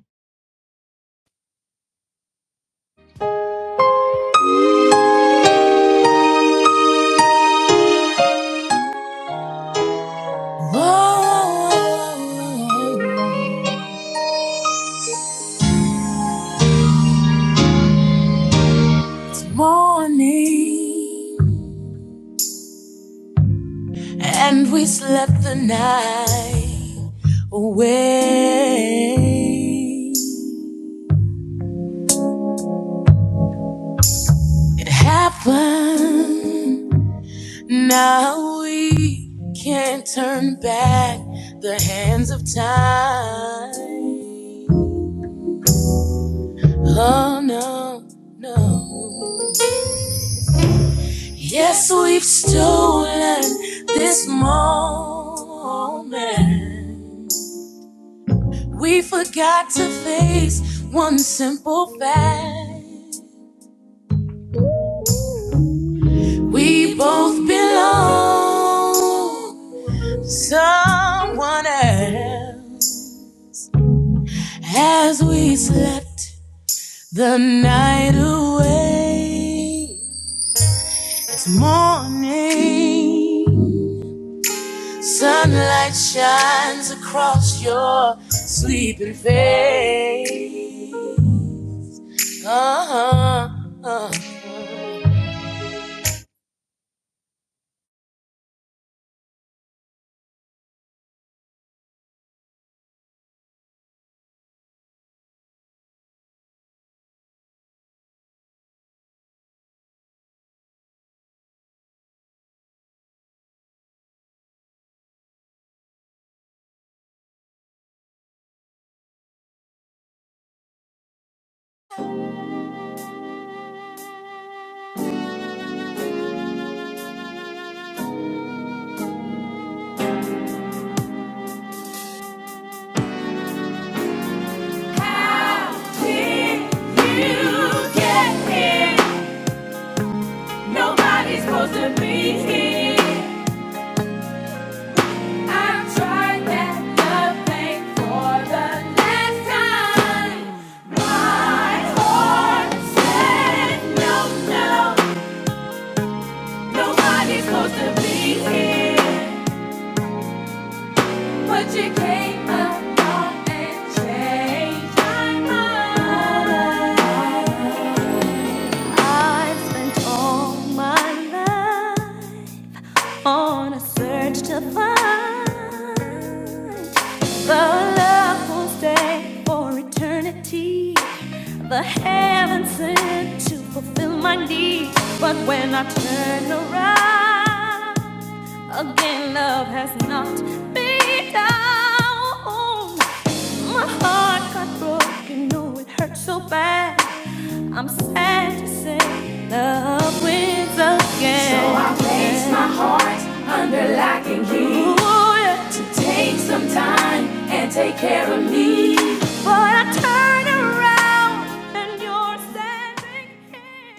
Speaker 3: Oh, morning. And we slept the night away. It happened. Now we can't turn back the hands of time. Oh no, no. Yes, we've stolen this moment. We forgot to face one simple fact. We both belong to someone else. As we slept the night away, it's morning. Sunlight shines across your sleeping face. Uh-huh, uh-huh.
Speaker 4: baby? You get here. Nobody's supposed to be here. I tried that love thing for the last time. On a search to find The love will stay for eternity. The heaven sent to fulfill my need. But when I turn around, again love has not been down. My heart got broken, no, it hurt so bad. I'm sad to say love wins again. So I Ooh, yeah. But I turn around and you're standing here.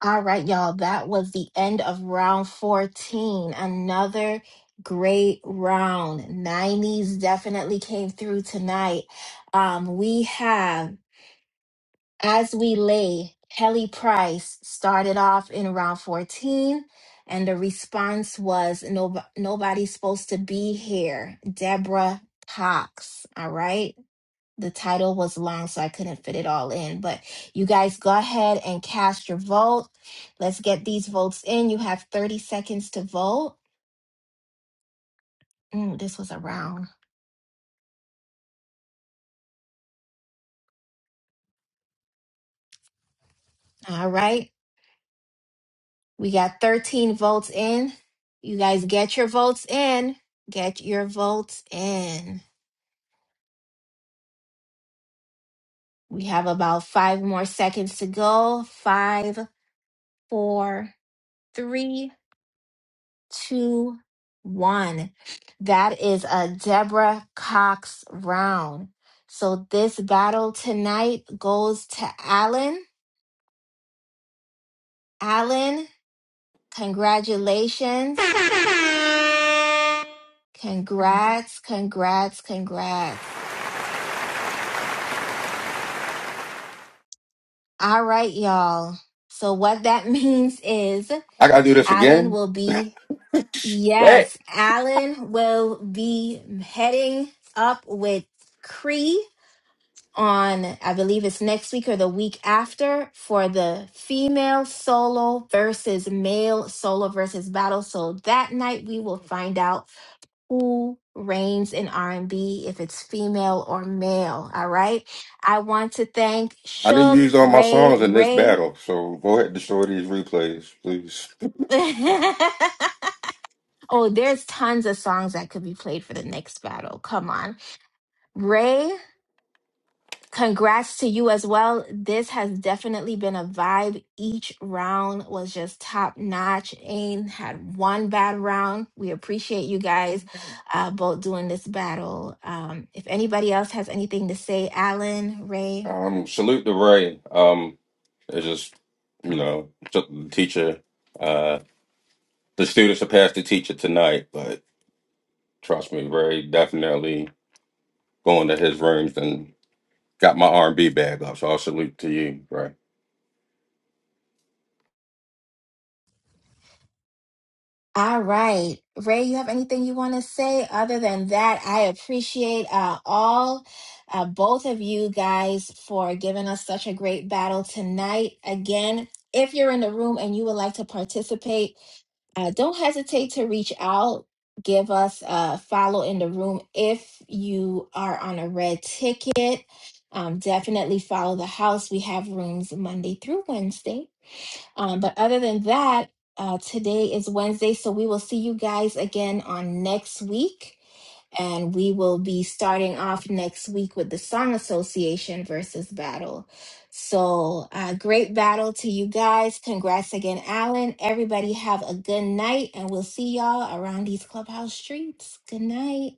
Speaker 2: All right, y'all. That was the end of round 14. Another great round. 90s definitely came through tonight. Um, we have As We Lay, Kelly Price started off in round 14, and the response was no, Nobody's Supposed to Be Here, Deborah Cox. All right the title was long, so I couldn't fit it all in. But you guys go ahead and cast your vote. Let's get these votes in. You have 30 seconds to vote. Mm, this was a round. All right. We got 13 votes in. You guys get your votes in. Get your votes in. We have about five more seconds to go. Five, four, three, two, one. That is a Deborah Cox round. So this battle tonight goes to Alan. Alan, congratulations. Congrats, congrats, congrats. All right, y'all. So what that means is
Speaker 5: I gotta do this
Speaker 2: Alan
Speaker 5: again.
Speaker 2: will be,
Speaker 5: Hey.
Speaker 2: yes, Alan will be heading up with Cree on, I believe it's next week or the week after, for the female solo versus male solo versus battle. So that night we will find out who reigns in R&B, if it's female or male. All right. I want to thank
Speaker 5: I didn't
Speaker 2: Suge
Speaker 5: use all my
Speaker 2: Ray
Speaker 5: songs in this
Speaker 2: Ray.
Speaker 5: battle, so go ahead and destroy these replays, please.
Speaker 2: oh, there's tons of songs that could be played for the next battle. Come on. Ray Congrats to you as well. This has definitely been a vibe. Each round was just top notch. Ain't had one bad round. We appreciate you guys uh, both doing this battle. Um, if anybody else has anything to say, Alan, Ray.
Speaker 5: Um, salute to Ray. Um, it's just you know, just the teacher. Uh. The students will pass the teacher tonight, but trust me, Ray definitely going to his rooms and got my R and B bag up. So I'll salute to you, Ray.
Speaker 2: All right. Ray, you have anything you want to say? Other than that, I appreciate uh, all uh, both of you guys for giving us such a great battle tonight. Again, if you're in the room and you would like to participate, Uh, don't hesitate to reach out. Give us a follow in the room if you are on a red ticket. Um, definitely follow the house. We have rooms Monday through Wednesday. Um, but other than that, uh, today is Wednesday, so we will see you guys again on next week. And we will be starting off next week with the Song Association versus Battle. So, uh, great battle to you guys. Congrats again, Alan. Everybody have a good night, and we'll see y'all around these clubhouse streets. Good night.